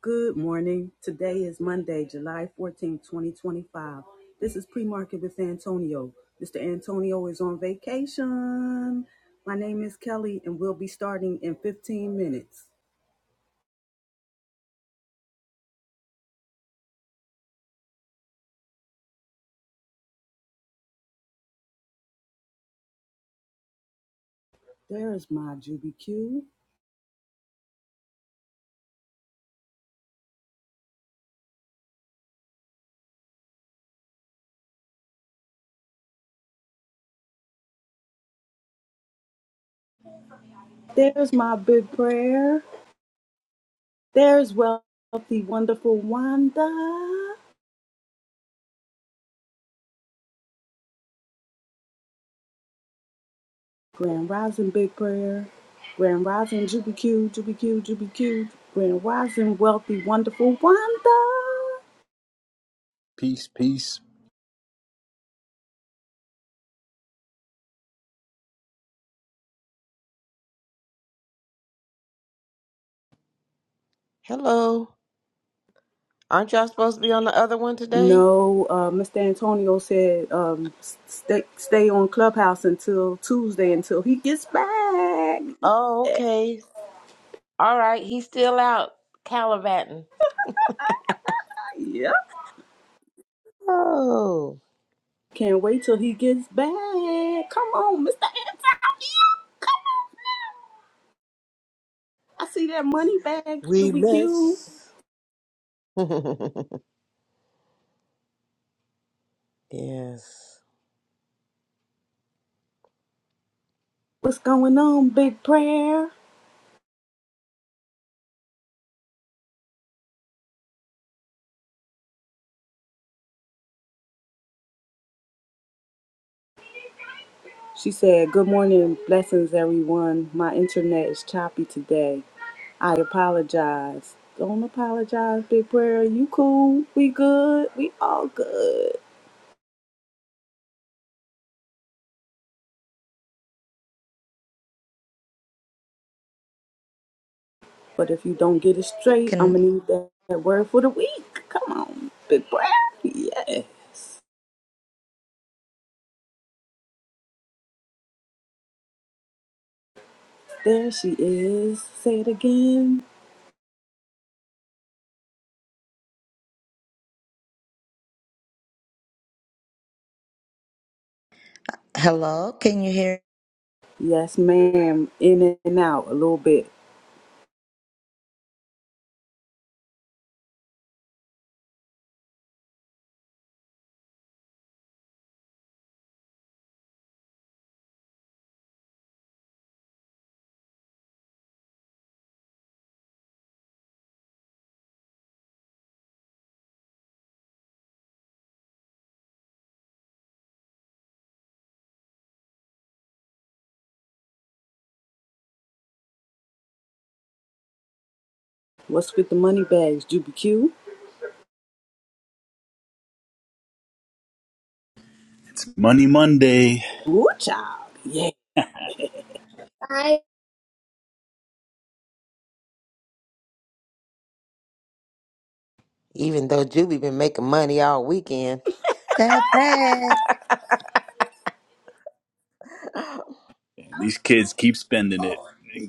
Good morning. Today is Monday, July fourteenth, 2025. This is pre market with Antonio. Mr. Antonio is on vacation. My name is Kelly, and we'll be starting in 15 minutes. There's my Juby Q. There's my big prayer. There's wealthy, wonderful Wanda. Grand Rising Big Prayer. Grand Rising Juby Q, Juby Q, Juby Q. Grand Rising Wealthy, Wonderful Wanda. Peace, peace. Hello. Aren't y'all supposed to be on the other one today? No, uh, Mr. Antonio said um, stay stay on Clubhouse until Tuesday until he gets back. Oh, Yeah, okay. All right. He's still out calibating. yeah. Oh. can't wait till he gets back. Come on, Mr. Antonio, come on now. I see that money bag, We QBQ. miss. yes. What's going on, Big Prayer? She said, "Good morning, blessings, everyone. My internet is choppy today. I apologize. Don't apologize, Big Prayer. You cool? We good? We all good. But if you don't get it straight, I'm Can gonna need that, that word for the week. Come on, Big Prayer. Yeah. There she is. Say it again. hello? Can you hear Yes, ma'am. In and out a little bit. What's with the money bags, Juby Q? It's Money Monday. Woo child. Yeah. Bye. Even though Juby been making money all weekend. that back? These kids keep spending it.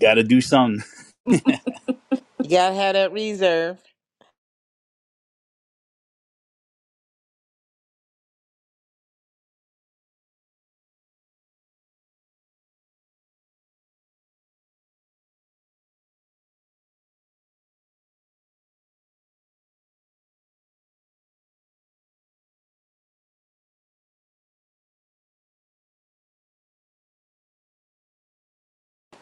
Got to do something. You gotta have that reserve.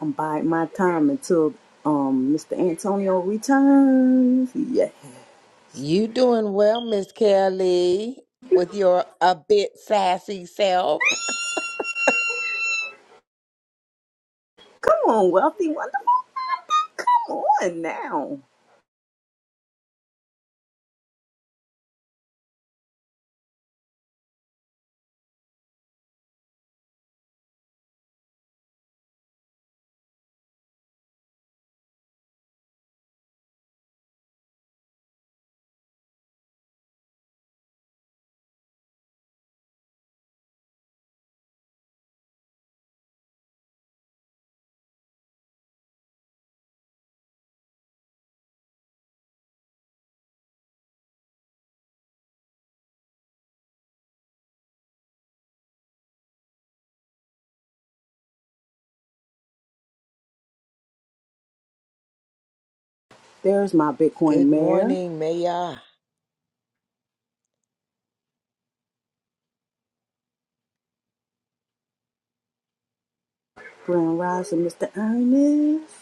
I'm biding my time until um Mr. Antonio returns. Yes. You doing well, Miss Kelly, with your a bit sassy self. Come on, wealthy, wonderful. Come on now. There's my Bitcoin Good mayor, morning, Maya. Grand Rising, Mr. Ernest.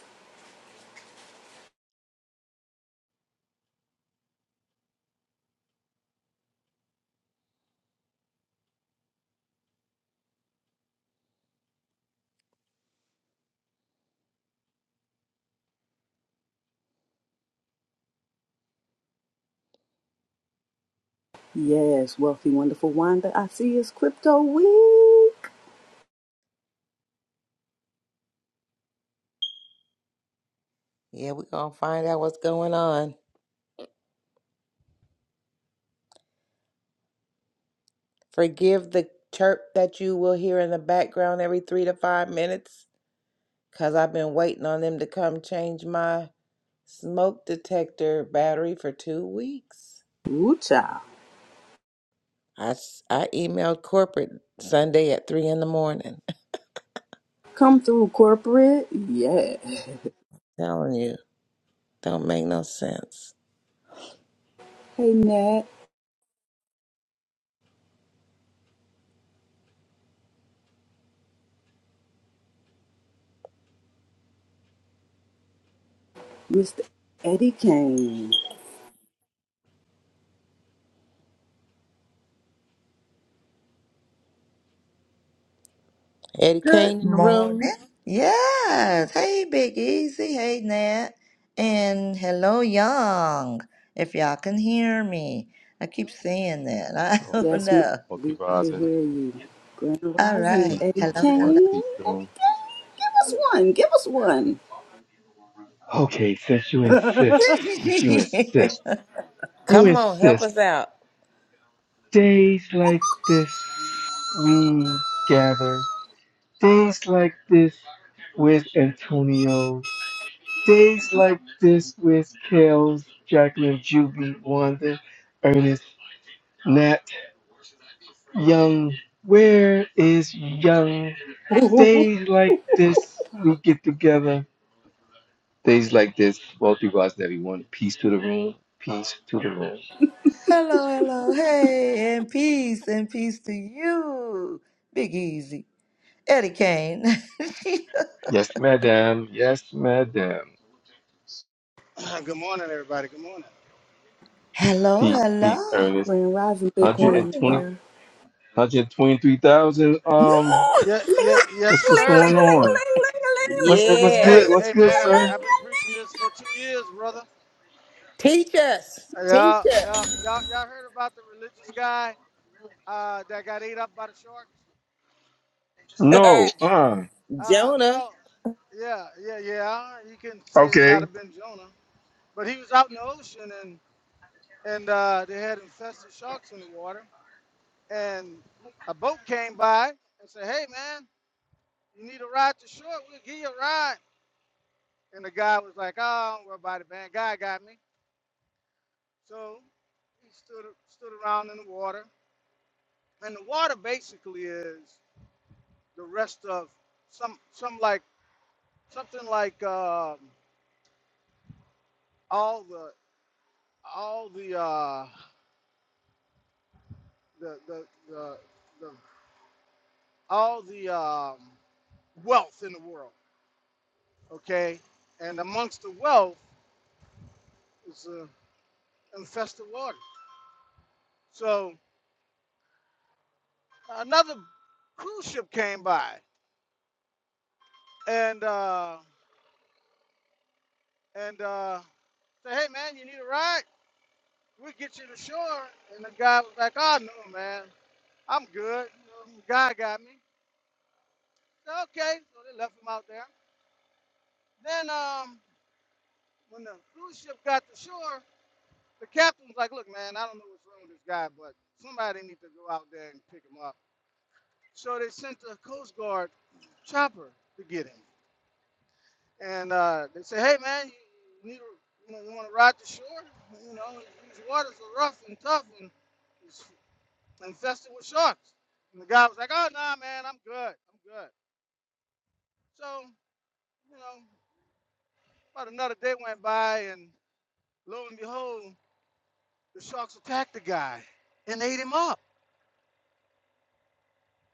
Yes, wealthy, wonderful Wanda. I see it's crypto week. Yeah, we're gonna find out what's going on. Forgive the chirp that you will hear in the background every three to five minutes, because I've been waiting on them to come change my smoke detector battery for two weeks. Ooh, child. I, s- I emailed corporate Sunday at three in the morning. Come through, corporate. Yeah. Telling you, don't make no sense. Hey, Nat, Mr. Eddie Kane. Eddie Good Kane in the room. morning. Yes. Hey, Big Easy. Hey, Nat. And hello, Young. If y'all can hear me, I keep saying that. I Multi, don't Yes, ma'am. know. We can multivisor. hear you. Grand All Rising, Peace right. Eddie to Hello, everyone. hello. Kane. Peace to Eddie them. Kane, give us one. Give us one. Okay, since you insist, since you insist, you Come on, help insist. us out. Days like this, we gather. Days like this, with Antonio. Days like this, with Kels, Jacqueline, Juby, Wanda, Ernest, Nat, Young. Where is Young? Days like this, we get together. Days like this, both regards to everyone. Peace to the room. Peace to the room. hello, hello. Hey, and peace, and peace to you, Big Easy. Eddie Kane. Yes, madam. Yes, madam. Good morning, everybody. Good morning. hello, Peace, peace, hello. Ernest. Grand Rising, Good Bitcoin morning. 120, mayor. Um, Yeah, Ling, ling, yeah, yes, what's what's ling, going sir. ling, ling, on? ling, ling, What's ling, what, what's ling, good? Hey, Ching, What's Yes. hey, good, man, I've been sir? I've been preaching this for two years, brother. Teach us. Teach Yeah, yeah, y'all y'all heard about the religious guy uh, that got ate up by the sharks? us. No. Uh. Uh, Jonah. well, yeah, yeah, yeah. You can say it might Okay. have been Jonah, but he was out in the ocean and and uh, they had infested sharks in the water, and a boat came by and said, "Hey, man, you need a ride to shore? We'll give you a ride." And the guy was like, "Oh, don't worry about it, man. God got me." So he stood stood around in the water, and the water basically is the rest of some some like something like um all the all the uh, the, the the the all the um, wealth in the world, okay, and amongst the wealth is uh, infested water. So another cruise ship came by, and uh, and uh, said, "Hey man, you need a ride?" we get you to shore. And the guy was like, oh, no, man, I'm good. You know, the guy got me. I said, okay, so they left him out there. Then um, when the cruise ship got to shore, the captain was like, look, man, I don't know what's wrong with this guy, but somebody needs to go out there and pick him up. So they sent the Coast Guard chopper to get him. And uh, they said, hey, man, you, you need to, you, know, you want to ride to shore? You know, these waters are rough and tough, and infested with sharks. And the guy was like, "Oh nah, man, I'm good. I'm good." So you know, about another day went by, and lo and behold, the sharks attacked the guy and ate him up.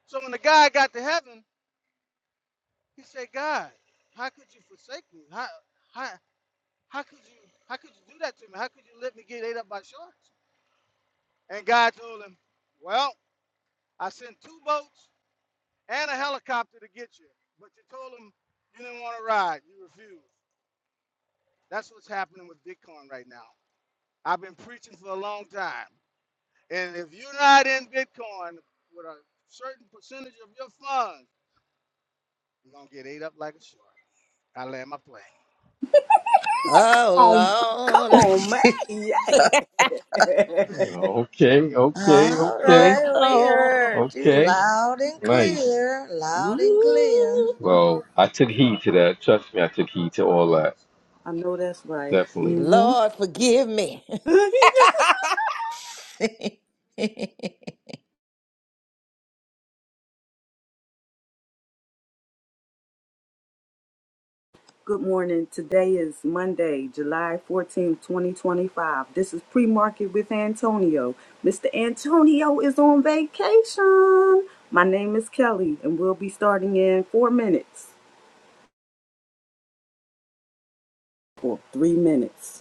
So when the guy got to heaven, he said, "God, how could you forsake me? How how how could you how could you do that to me? How could you let me get ate up by sharks?" And God told him, "Well, I sent two boats and a helicopter to get you, but you told them you didn't want to ride. You refused. That's what's happening with Bitcoin right now. I've been preaching for a long time. And if you're not in Bitcoin with a certain percentage of your funds, you're going to get ate up like a shark. I land my plane. ling. Um, come Oh, Lord. on, man. ching. Yeah. Okay. Okay. All Okay. right, we Oh, Lord. heard you Okay. loud and Nice. clear, loud and clear. Ooh, Well, I took heed to that. Trust me, I took heed to all that. I know that's right. Definitely. Mm-hmm. Lord, forgive me. Good morning. Today is Monday, July fourteenth, 2025. This is pre-market with Antonio. Mr. Antonio is on vacation. My name is Kelly, and we'll be starting in four minutes or three minutes.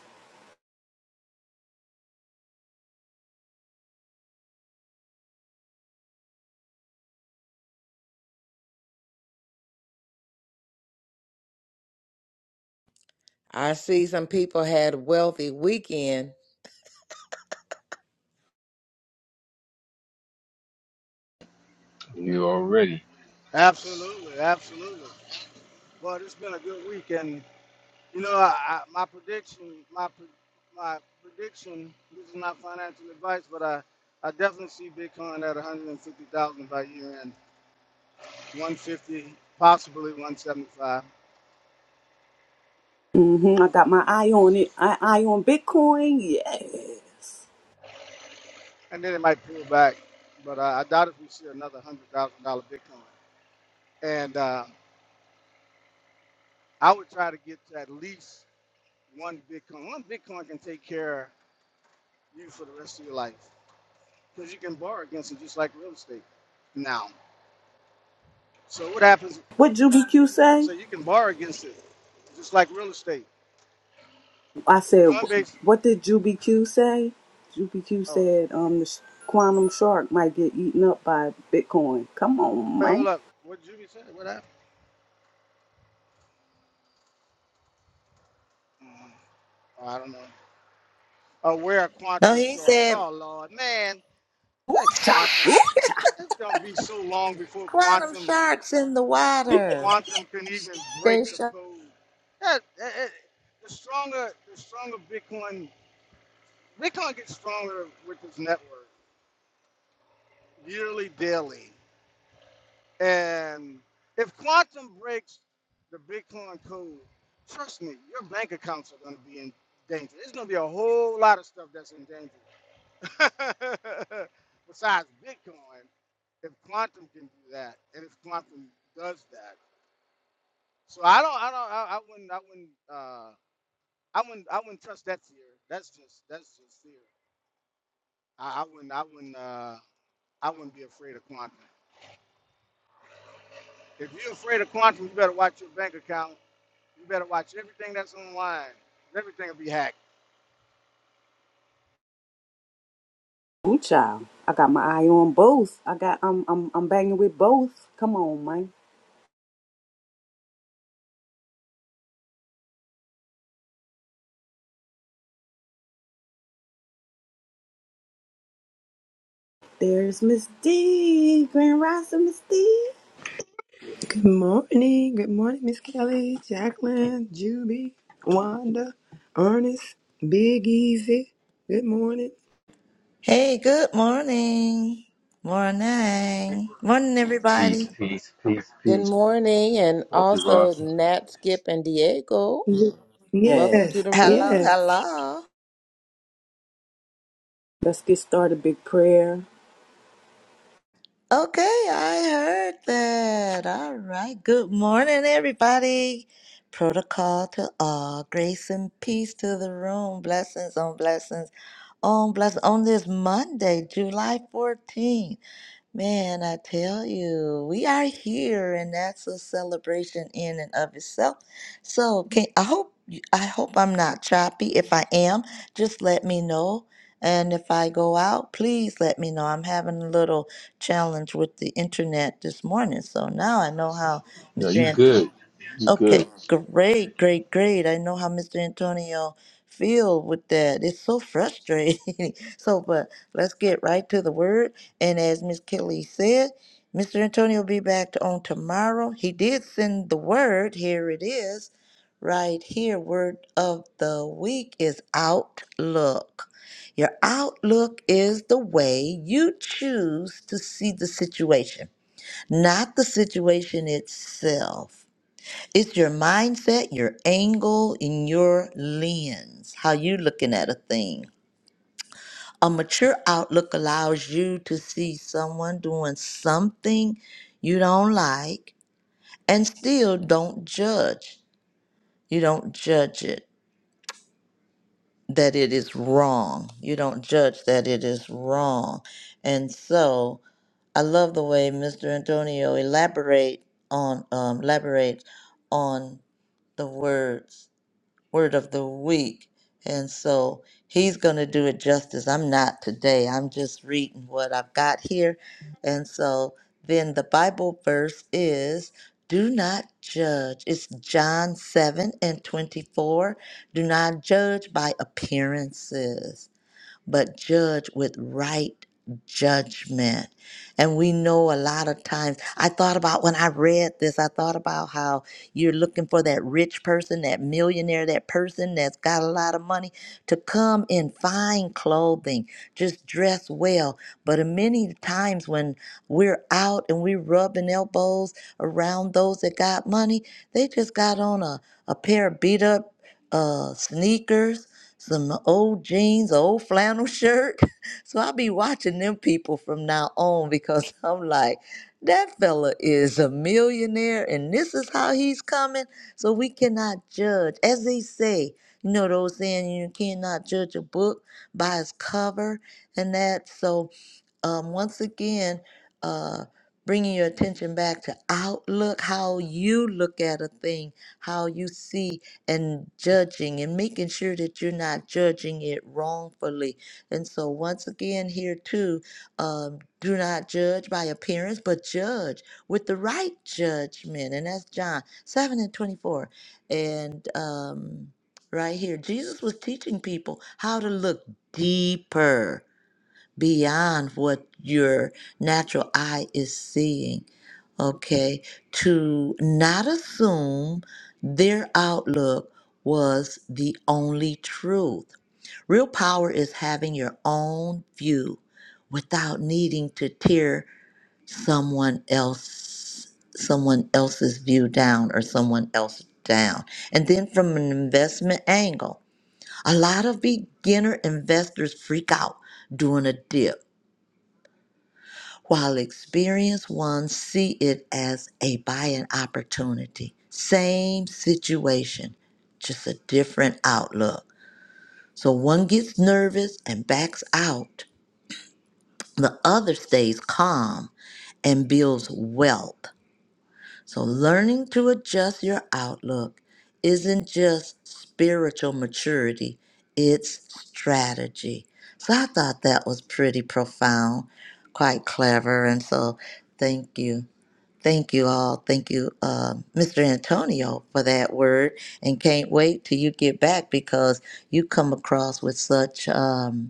I see some people had wealthy weekend. You already. Absolutely. Absolutely. Well, it's been a good week. And, you know, I, I, my prediction, my, pre- my prediction, this is not financial advice, but I, I definitely see Bitcoin at 150,000 by year end, 150, possibly 175. Mm-hmm. I got my eye on it. I eye on Bitcoin. Yes. and then it might pull back. But uh, I doubt if we see another hundred thousand dollar Bitcoin. And uh, I would try to get to at least one Bitcoin. One Bitcoin can take care of you for the rest of your life because you can borrow against it just like real estate now. So what happens? What Juby Q I say? say you can borrow against it just like real estate. I said, Coinbase. "Wh- what did Juby Q say? Juby Q Oh, said, um, the sh- quantum shark might get eaten up by Bitcoin. Come on, wait, hold man. up. What did you say? What happened? Mhm. Oh, I don't know. Oh, where are no, quantum he sharks? said, Oh Lord, man, that Ooh-cha, quantum. ooh-cha, It's gonna be so long before "Quantum quantum sharks in the sure water. quantum can even break They the shark. code. Yeah, that- that- the stronger, the stronger Bitcoin, Bitcoin gets stronger with this network yearly, daily. And if quantum breaks the Bitcoin code, trust me, your bank accounts are going to be in danger. There's going to be a whole lot of stuff that's in danger. Besides Bitcoin, if quantum can do that, and if quantum does that, so I don't, I don't, I, I wouldn't, I wouldn't. uh, I wouldn't I wouldn't touch that fear. That's just that's just fear. I, I wouldn't I wouldn't uh I wouldn't be afraid of quantum. If you're afraid of quantum, you better watch your bank account. You better watch everything that's online. Everything will be hacked. ooh-cha. I got my eye on both. I got, I'm, I'm, I'm banging with both. Come on, man. There's Miss D, Grand Rising Miss D. Good morning. Good morning, Miss Kelly, Jacqueline, Juby, Wanda, Ernest, Big Easy. Good morning. Hey, good morning. Morning. Morning, Peace, everybody. peace, peace, Good peace. morning, and Walter also Ross. Nat, Skip, and Diego. Yeah, Welcome to Yes, the Hello, room. yes. hello. let's get started. Big prayer. Okay, I heard that. All right. Good morning, everybody. Protocol to all. Grace and peace to the room. Blessings on blessings on blessings on this Monday, July 14th. Man, I tell you, we are here, and that's a celebration in and of itself. So, can I hope I hope I'm not choppy. If I am, just let me know. And if I go out, please let me know. I'm having a little challenge with the internet this morning, so now I know how No, Mr. you Right. good. You good. Okay, great, great, great. I know how Mr. Antonio feel with that. It's so frustrating. so, but let's get right to the word. And as Miss Kelly said, Mr. Antonio will be back on tomorrow. He did send the word. Here it is, right here. Word of the week is outlook. Your outlook is the way you choose to see the situation, not the situation itself. It's your mindset, your angle, and your lens, how you looking at a thing. A mature outlook allows you to see someone doing something you don't like and still don't judge. You don't judge it that it is wrong. You don't judge that it is wrong. And so I love the way Mr. Antonio elaborate on um, elaborate on the words word of the week. And so he's going to do it justice. I'm not today. I'm just reading what I've got here. And so then the Bible verse is do not judge. It's John 7 and 24. Do not judge by appearances but judge with right judgment. And we know a lot of times, I thought about when I read this, I thought about how you're looking for that rich person, that millionaire, that person that's got a lot of money to come in fine clothing, just dress well. But in many times when we're out and we're rubbing elbows around those that got money, they just got on a, a pair of beat up uh, sneakers some old jeans, a old flannel shirt. So I'll be watching them people from now on because I'm like, that fella is a millionaire and this is how he's coming. So we cannot judge. As they say, you know, those saying you cannot judge a book by its cover and that. So um, once again, uh, bringing your attention back to outlook, how you look at a thing, how you see and judging, and making sure that you're not judging it wrongfully. And so, once again, here too, um, do not judge by appearance, but judge with the right judgment. And that's John 7 and 24. And um, right here, Jesus was teaching people how to look deeper beyond what your natural eye is seeing, okay? To not assume their outlook was the only truth. Real power is having your own view without needing to tear someone else someone else's view down or someone else down. And then from an investment angle, a lot of beginner investors freak out during a dip while experienced ones see it as a buying opportunity. Same situation, just a different outlook. So one gets nervous and backs out, the other stays calm and builds wealth. So learning to adjust your outlook isn't just spiritual maturity, it's strategy. So I thought that was pretty profound, quite clever, and so thank you. Thank you all. Thank you, um, Mr. Antonio, for that word. And can't wait till you get back because you come across with such. Um,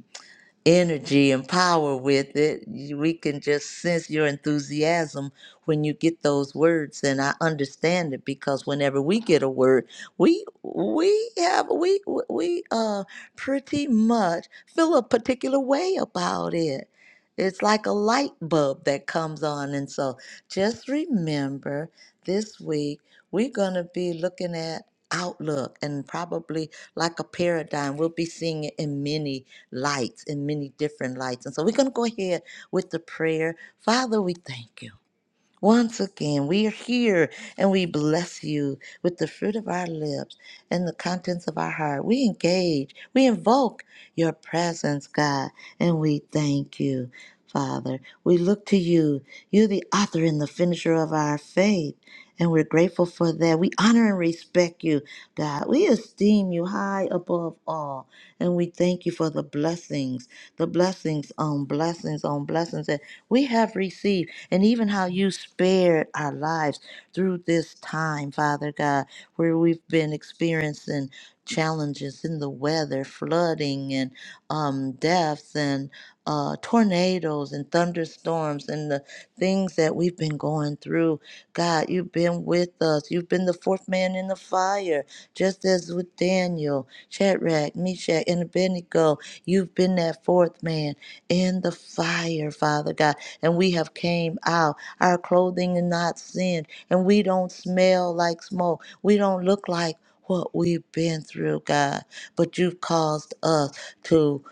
energy and power with it. You- We can just sense your enthusiasm when you get those words, and I understand it because whenever we get a word, we we have we we uh pretty much feel a particular way about it. It's like a light bulb that comes on, and so just remember this week we're gonna be looking at outlook and probably like a paradigm. We'll be seeing it in many lights in many different lights. And so we're going to go ahead with the prayer. Father, we thank you. Once again, we are here and we bless you with the fruit of our lips and the contents of our heart. We engage, we invoke your presence, God, and we thank you, Father. We look to you. You're the author and the finisher of our faith, and we're grateful for that. We honor and respect you, God. We esteem you high above all. And we thank you for the blessings, the blessings on blessings on blessings that we have received, and even how you spared our lives through this time, Father God, where we've been experiencing challenges in the weather, flooding, and um, deaths, and uh, tornadoes, and thunderstorms, and the things that we've been going through. God, you've been with us. You've been the fourth man in the fire, just as with Daniel, Shadrach, Meshach, and Abednego. You've been that fourth man in the fire, Father God. And we have came out. Our clothing is not sin, and we don't smell like smoke. We don't look like what we've been through, God. But you've caused us to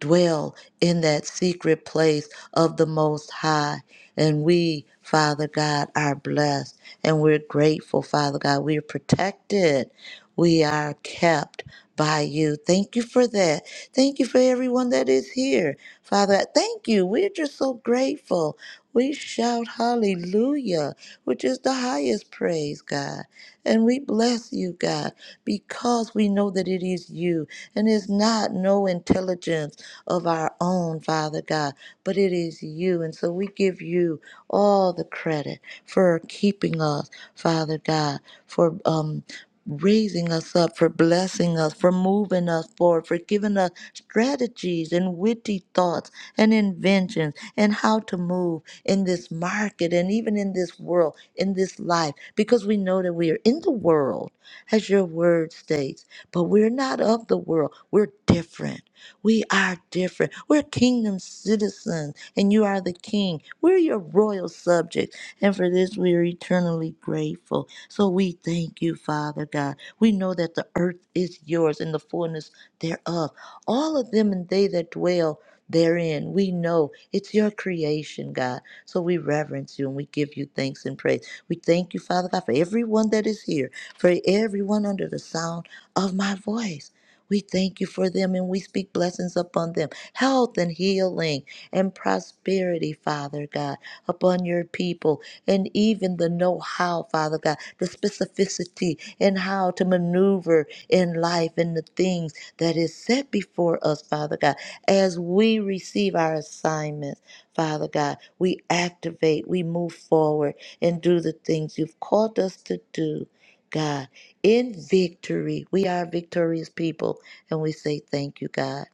dwell in that secret place of the Most High. And we, Father God, are blessed and we're grateful, Father God. We are protected. We are kept by you. Thank you for that. Thank you for everyone that is here, Father. Thank you. We're just so grateful. We shout hallelujah, which is the highest praise, God. And we bless you, God, because we know that it is you and it's not no intelligence of our own, Father God but it is you. And so we give you all the credit for keeping us, Father God, for um, raising us up, for blessing us, for moving us forward, for giving us strategies and witty thoughts and inventions and how to move in this market and even in this world, in this life, because we know that we are in the world, as your word states, but we're not of the world. We're different. We are different. We're kingdom citizens, and you are the king. We're your royal subjects, and for this we are eternally grateful. So we thank you, Father God. We know that the earth is yours and the fullness thereof, all of them and they that dwell therein. We know it's your creation, God. So we reverence you and we give you thanks and praise. We thank you, Father God, for everyone that is here, for everyone under the sound of my voice. We thank you for them and we speak blessings upon them, health and healing and prosperity, Father God, upon your people, and even the know how, Father God, the specificity and how to maneuver in life and the things that is set before us, Father God, as we receive our assignments. Father God, we activate, we move forward and do the things you've called us to do, God in victory. We are victorious people, and we say thank you, God.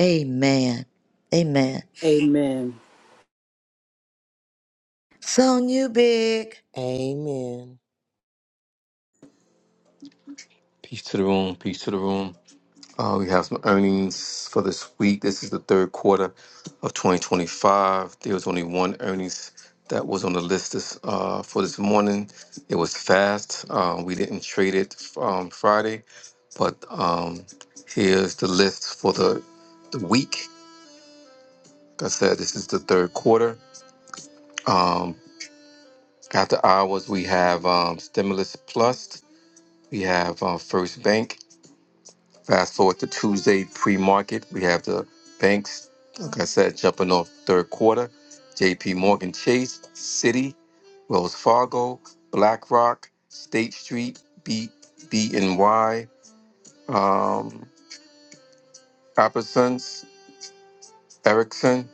Amen. Amen. Amen. Sonia Big. Amen. Peace to the room. Peace to the room. Uh, we have some earnings for this week. This is the third quarter of 2025. There was only one earnings that was on the list this, uh, for this morning. It was fast. Um, we didn't trade it um, Friday, but um, here's the list for the, the week. Like I said, this is the third quarter. Um, after hours, we have um, Stimulus Plus. We have uh, First Bank. Fast forward to Tuesday pre-market, we have the banks, like I said, jumping off third quarter. JP Morgan Chase, Citi, Wells Fargo, BlackRock, State Street, B BNY, um, Appersons, Ericsson.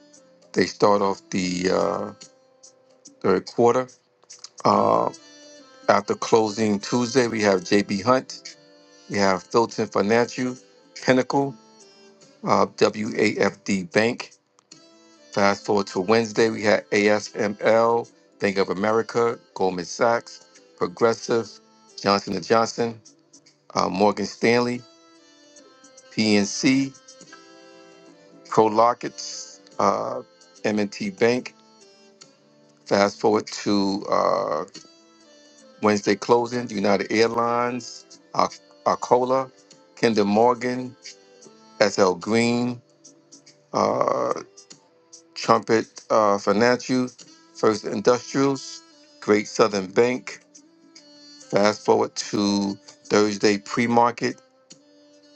They start off the uh, third quarter. Uh, after closing Tuesday, we have JB Hunt, we have Philton Financial, Pinnacle, uh, WAFD Bank, Fast forward to Wednesday, we had ASML, Bank of America, Goldman Sachs, Progressive, Johnson& and Johnson, uh, Morgan Stanley, PNC, Prolockets, uh, M&T Bank. Fast forward to uh, Wednesday closing, United Airlines, Ar- Arcola, Kinder Morgan, SL Green, uh, Trumpet uh, Financial, First Industrials, Great Southern Bank, Fast forward to Thursday pre market,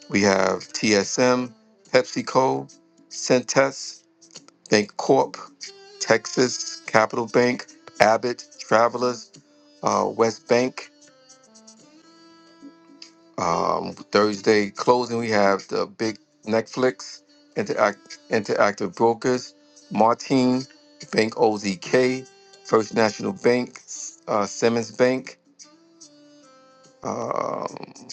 we have TSM, PepsiCo, Centess, BankCorp, Texas, Capital Bank, Abbott, Travelers, uh, West Bank. Um, Thursday closing, we have the big Netflix, Interact, Interactive Brokers, Martin, Bank OZK, First National Bank, uh, Simmons Bank. um,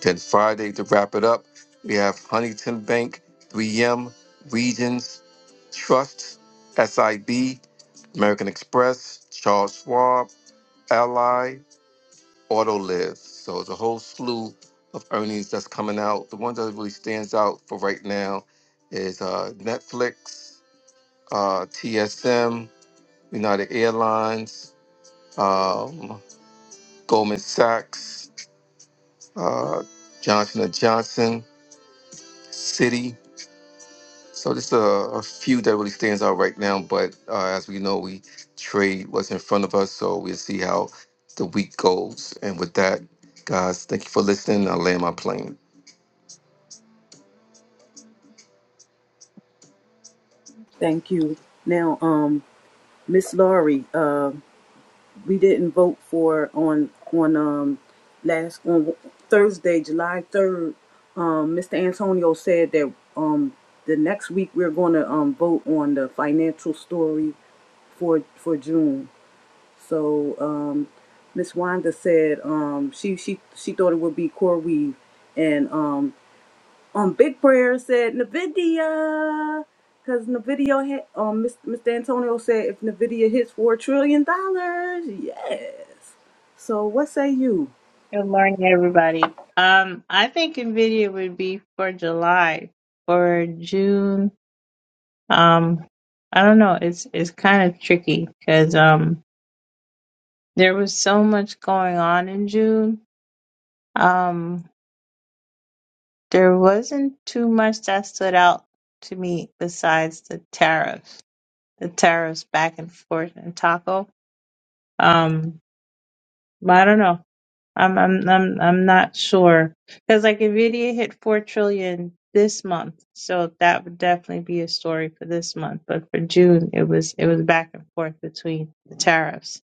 Then Friday to wrap it up, we have Huntington Bank, 3M, Regions, Trust, SIB, American Express, Charles Schwab, Ally, Autoliv. So it's a whole slew of earnings that's coming out. The one that really stands out for right now is uh, Netflix, uh, TSM, United Airlines, um, Goldman Sachs, uh, Johnson& and Johnson, Citi. So just a, a few that really stands out right now, but uh, as we know, we trade what's in front of us, so we'll see how the week goes. And with that, guys, thank you for listening. I land my plane. Thank you. Now, um, Miss Laurie, uh. we didn't vote for on on um last on Thursday, July third. Um, Mr. Antonio said that um the next week we're going to um vote on the financial story for for June. So um, Miss Wanda said um she she she thought it would be Core Weave, and um um Big Prayer said Nvidia, because Nvidia hit um Mr. Antonio said if Nvidia hits four trillion dollars, yes. So what say you? Good morning, everybody. Um, I think NVIDIA would be for July. For June, um, I don't know. It's it's kind of tricky because um, there was so much going on in June. Um, there wasn't too much that stood out to me besides the tariffs, the tariffs back and forth and taco. Um, But I don't know. I'm I'm I'm I'm not sure because like Nvidia hit four trillion this month, so that would definitely be a story for this month. But for June, it was it was back and forth between the tariffs.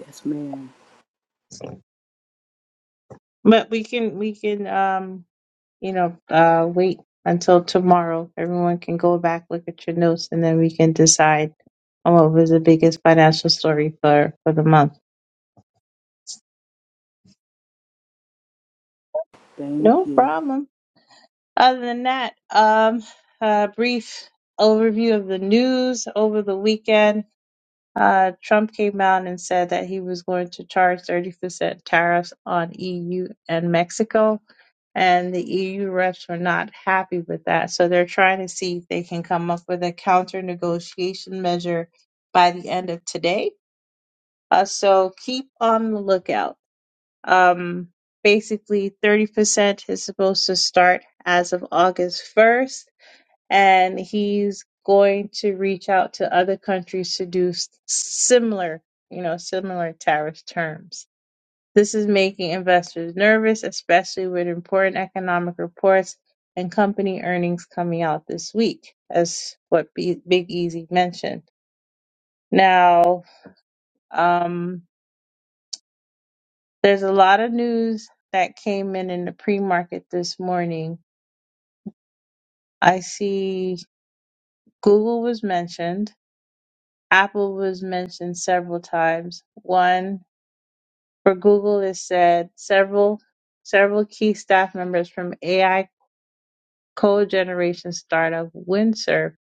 Yes, ma'am. But we can we can um you know uh wait until tomorrow. Everyone can go back look at your notes, and then we can decide on what was the biggest financial story for for the month. Thank No you. problem. Other than that, um, a brief overview of the news over the weekend. Uh, Trump came out and said that he was going to charge 30% tariffs on EU and Mexico, and the EU reps were not happy with that. So they're trying to see if they can come up with a counter negotiation measure by the end of today. Uh, so keep on the lookout. Um, basically, 30% is supposed to start as of August 1st and he's going to reach out to other countries to do s- similar, you know, similar tariff terms. This is making investors nervous, especially with important economic reports and company earnings coming out this week, as what B- Big Easy mentioned. Now, um, there's a lot of news that came in in the pre-market this morning. I see Google was mentioned. Apple was mentioned several times. One for Google is said several several key staff members from AI code generation startup Windsurf.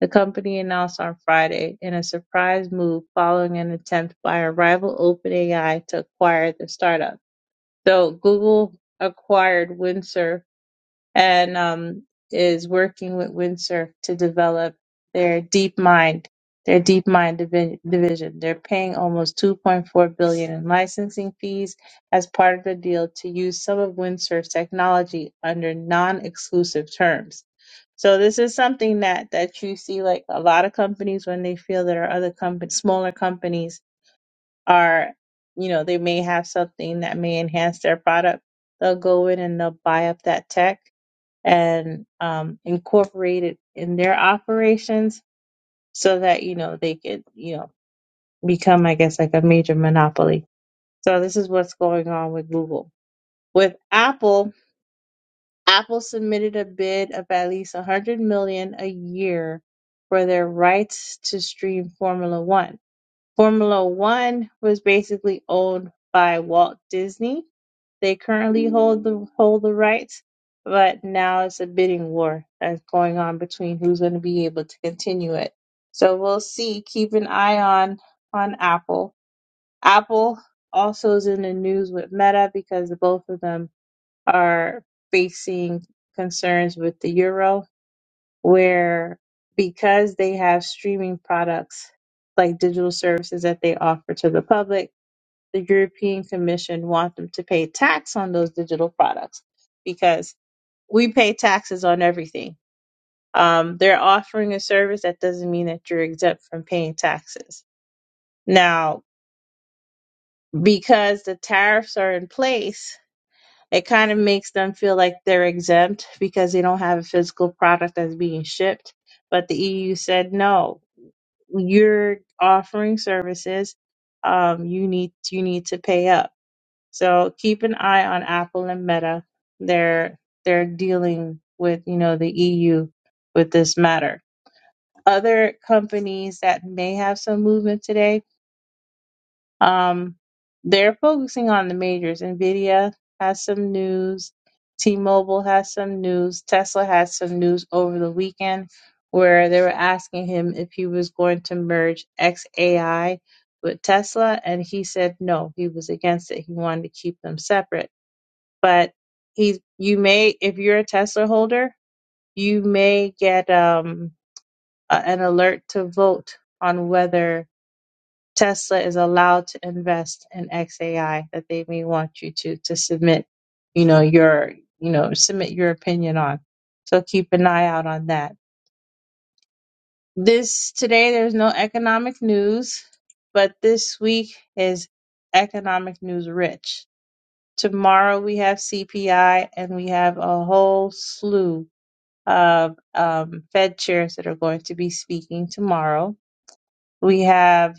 The company announced on Friday in a surprise move following an attempt by a rival OpenAI to acquire the startup. Though Google acquired Windsurf and um, is working with Windsurf to develop their deep mind, their deep mind divi- division. They're paying almost 2.4 billion in licensing fees as part of the deal to use some of Windsurf's technology under non-exclusive terms. So this is something that that you see like a lot of companies when they feel that our other companies, smaller companies are, you know, they may have something that may enhance their product. They'll go in and they'll buy up that tech and um, incorporate it in their operations so that you know they could you know become i guess like a major monopoly so this is what's going on with google with apple apple submitted a bid of at least 100 million a year for their rights to stream formula one formula one was basically owned by walt disney They currently hold the hold the rights, but now it's a bidding war that's going on between who's going to be able to continue it. So we'll see. Keep an eye on on Apple. Apple also is in the news with Meta because both of them are facing concerns with the euro, where because they have streaming products like digital services that they offer to the public the European Commission want them to pay tax on those digital products because we pay taxes on everything. Um, they're offering a service that doesn't mean that you're exempt from paying taxes. Now, because the tariffs are in place, it kind of makes them feel like they're exempt because they don't have a physical product that's being shipped. But the EU said no, you're offering services. Um, you need you need to pay up So keep an eye on Apple and Meta. They're they're dealing with you know the EU with this matter. Other companies that may have some movement today, um, they're focusing on the majors. Nvidia has some news. T-Mobile has some news. Tesla had some news over the weekend where they were asking him if he was going to merge XAI with Tesla, and he said no, he was against it. He wanted to keep them separate but he you may if you're a Tesla holder, you may get um a, an alert to vote on whether Tesla is allowed to invest in XAI that they may want you to to submit, you know, your you know, submit your opinion on. So keep an eye out on that. This today there's no economic news, but this week is economic news rich. Tomorrow we have CPI and we have a whole slew of um, Fed chairs that are going to be speaking tomorrow. We have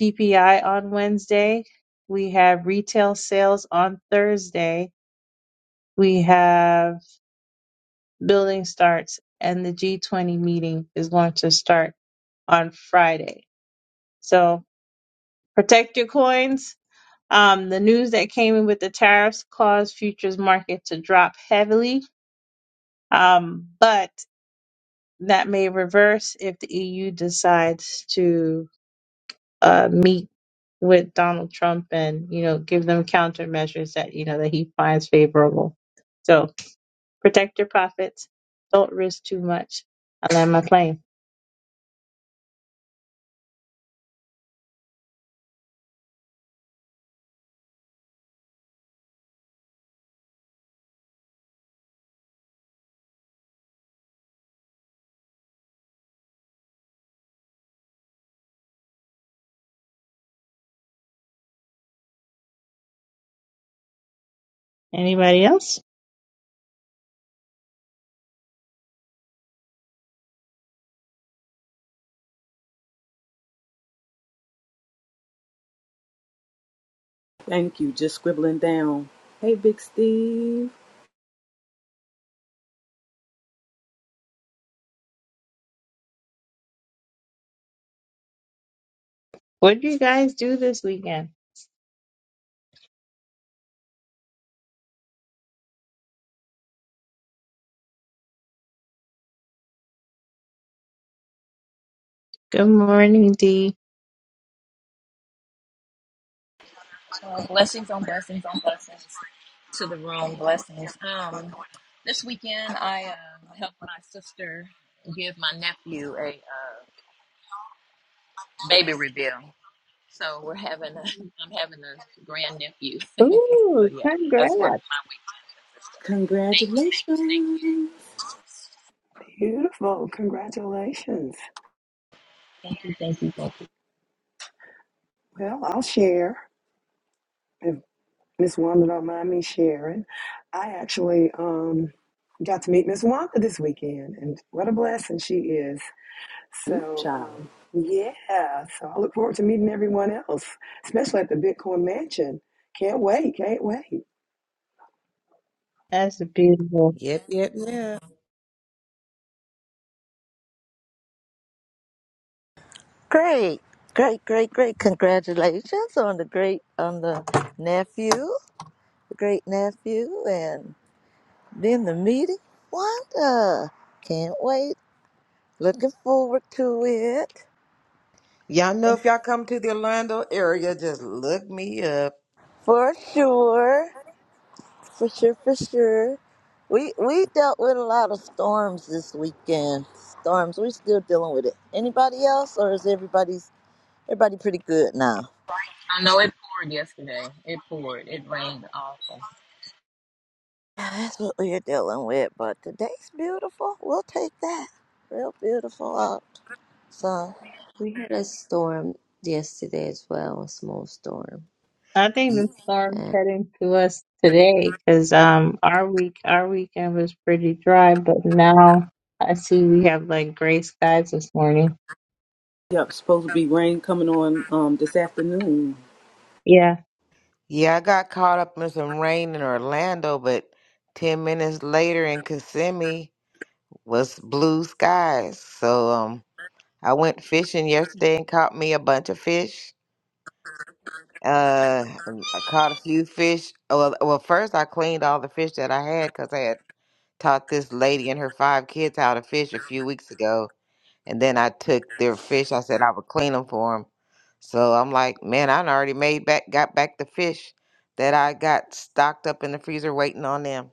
PPI on Wednesday. We have retail sales on Thursday. We have building starts, and the G20 meeting is going to start on Friday. So protect your coins. Um, the news that came in with the tariffs caused futures market to drop heavily, um, but that may reverse if the EU decides to uh, meet with Donald Trump and you know give them countermeasures that you know that he finds favorable. So protect your profits. Don't risk too much. I land my plane. Anybody else? Thank you. Just scribbling down. Hey, Big Steve. What do you guys do this weekend? Good morning, D. Well, blessings on blessings on blessings to the room. Blessings. Um, this weekend I uh, helped my sister give my nephew a uh, baby reveal. So we're having a, I'm having a grand nephew. so Ooh, yeah, that's what congrats. my weekend consisted. of. Congratulations, Beautiful. Congratulations. Thank you, thank you, thank you, thank you. thank you. Well, I'll share if Miss Wanda don't mind me sharing. I actually um, got to meet Miss Wanda this weekend, and what a blessing she is. So, child. um, yeah, so I look forward to meeting everyone else, especially at the Bitcoin Mansion. Can't wait, can't wait. That's beautiful. Yep, yep, yep. Great, great, great, great. Congratulations on the great, on the nephew, the great nephew, and then the meeting. Wanda, can't wait. Looking forward to it Y'all know if y'all come to the Orlando area, just look me up. for sure. For sure, for sure. We we dealt with a lot of storms this weekend. Storms. we still dealing with it. Anybody else, or is everybody's everybody pretty good now? I know it poured yesterday. It poured. It rained awful. Yeah, That's what we're dealing with. But today's beautiful. We'll take that. Real beautiful out, Son. We had a storm yesterday as well, a small storm, I think Y- the storm's and heading to us today because um our week our weekend was pretty dry, but now I see we have like gray skies this morning. Yep, supposed to be rain coming on um this afternoon. Yeah. Yeah, I got caught up in some rain in Orlando, but 10 minutes later in Kissimmee was blue skies. So, um, I went fishing yesterday and caught me a bunch of fish. Uh, I caught a few fish. Well, well, first I cleaned all the fish that I had because I had taught this lady and her five kids how to fish a few weeks ago, and then I took their fish. I said I would clean them for them. So I'm like, man, I done already made back, got back the fish that I got stocked up in the freezer waiting on them.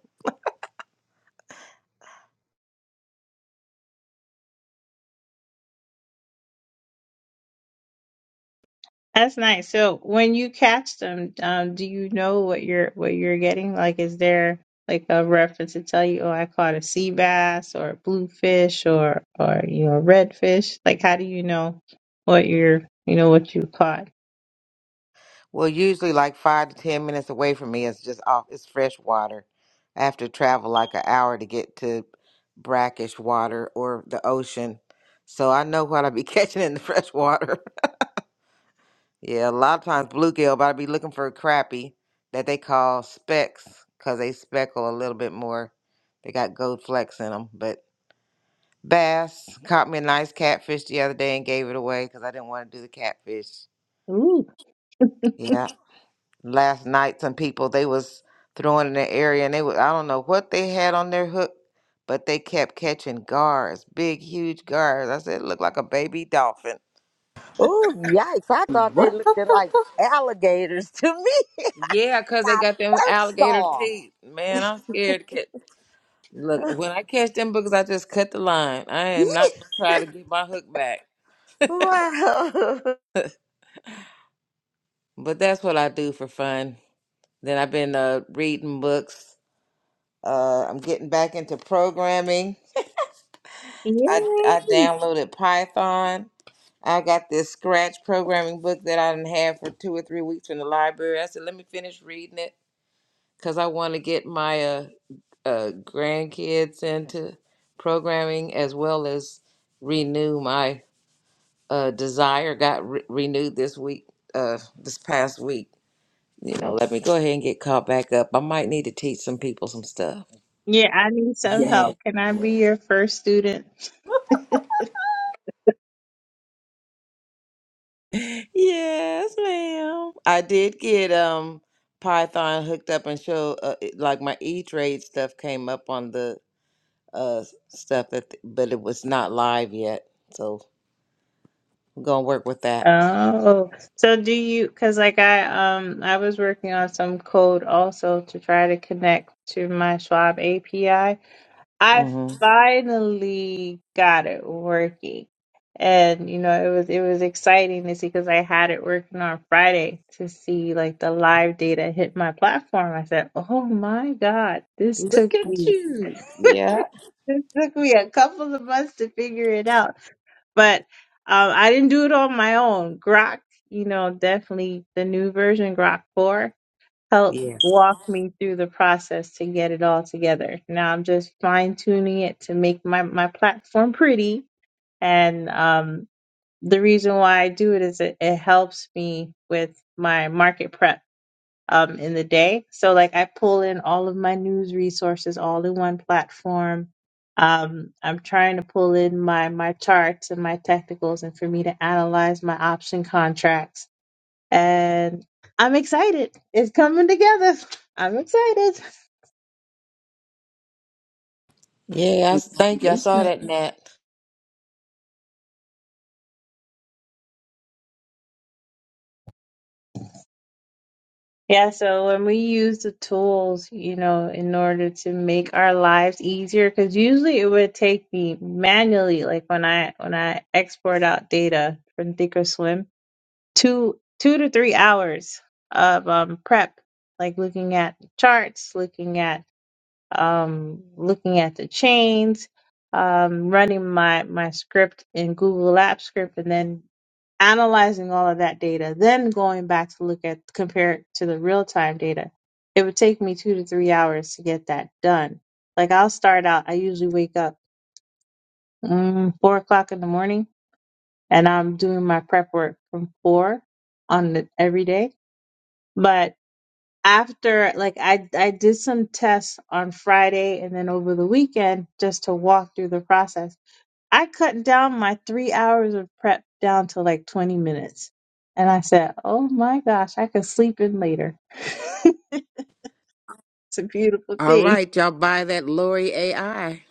That's nice. So when you catch them, um, do you know what you're what you're getting? Like, is there like a reference to tell you, oh, I caught a sea bass or a blue fish or or you know, a red fish? Like, how do you know what you're you know what you caught? Well, usually like five to ten minutes away from me is just off. It's fresh water. I have to travel like an hour to get to brackish water or the ocean. So I know what I be catching in the fresh water. yeah, a lot of times bluegill, but I be looking for crappie that they call specks because they speckle a little bit more. They got gold flecks in them. But bass caught me a nice catfish the other day and gave it away because I didn't want to do the catfish. Ooh, Yeah. last night some people they was throwing in the area and they was I don't know what they had on their hook, but they kept catching guards, big huge guards. I said it looked like a baby dolphin. Oh yikes! I thought they What the, looked the, like the? alligators to me Yeah, when 'cause they I got them first alligator saw them. teeth. Man, I'm scared to catch. Look, when I catch them bugs, I just cut the line. I am not gonna try to get my hook back. Wow. But that's what I do for fun. Then I've been uh, reading books. Uh, I'm getting back into programming. I I yay! downloaded Python. I got this scratch programming book that I didn't have for two or three weeks from the library. I said, let me finish reading it because I want to get my uh, uh, grandkids into programming as well as renew my uh, desire. Got re- renewed this week, uh, this past week. You know, let me go ahead and get caught back up. I might need to teach some people some stuff. Yeah, I need some Yeah, help. Can I be your first student? Yes, ma'am. I did get um Python hooked up and show uh, it- like my E Trade stuff came up on the uh s- stuff that, th- but it was not live yet. So we're gonna work with that. Oh, so do you, because like I um I was working on some code also to try to connect to my Schwab API. I Mm-hmm. finally got it working. And you know, it was it was exciting to see because I had it working on Friday to see like the live data hit my platform. I said, "Oh my God, this took Look at me you. Yeah. this took me a couple of months to figure it out." But um, I didn't do it on my own. Grok, you know, definitely the new version Grok 4 help Yes. walk me through the process to get it all together. Now I'm just fine tuning it to make my, my platform pretty. And um, the reason why I do it is it, it helps me with my market prep um, in the day. So, like, I pull in all of my news resources all in one platform. Um, I'm trying to pull in my, my charts and my technicals and for me to analyze my option contracts and I'm excited. It's coming together. I'm excited. Yeah. I, s- thank you. I saw congratulations. that, Nat. Yeah, so when we use the tools, you know, in order to make our lives easier, because usually it would take me manually, like when I when I export out data from Thinkorswim, two two to three hours of um, prep, like looking at charts, looking at um, looking at the chains, um, running my my script in Google Apps script, and then analyzing all of that data, then going back to look at compare it to the real time data, it would take me two to three hours to get that done. Like I'll start out, I usually wake up mm, four o'clock in the morning and I'm doing my prep work from four on the, every day. But after like I I did some tests on Friday and then over the weekend just to walk through the process I cut down my three hours of prep down to like 20 minutes. And I said, oh my gosh, I could sleep in later. it's a beautiful All thing. right, y'all buy that Lori AI.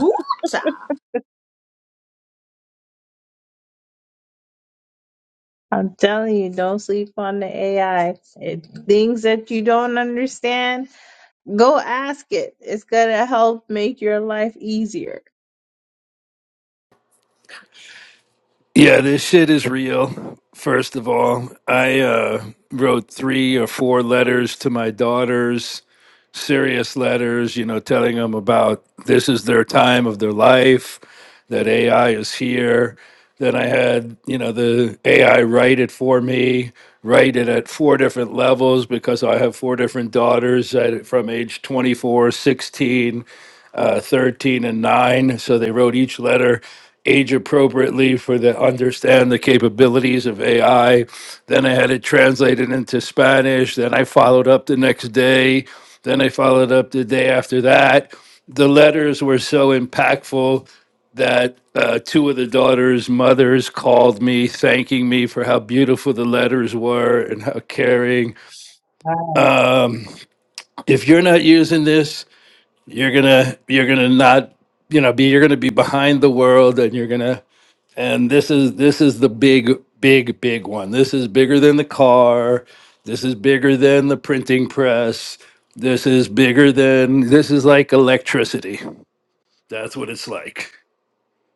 Ooh, child. I'm telling you, don't sleep on the AI. It, things that you don't understand, go ask it. It's going to help make your life easier. Yeah, this shit is real. First of all, I uh, wrote three or four letters to my daughters, serious letters, you know, telling them about this is their time of their life, that AI is here. Then I had, you know, the AI write it for me, write it at four different levels because I have four different daughters at, from age 24, 16 uh, 13 and 9. So they wrote each letter age appropriately for the understand the capabilities of AI. Then I had it translated into Spanish. Then I followed up the next day. Then I followed up the day after that. The letters were so impactful that uh, two of the daughters' mothers called me, thanking me for how beautiful the letters were and how caring. I Um, if you're not using this, you're gonna you're gonna not you know be you're gonna be behind the world and you're gonna and this is this is the big big big one this is bigger than the car this is bigger than the printing press this is bigger than this is like electricity that's what it's like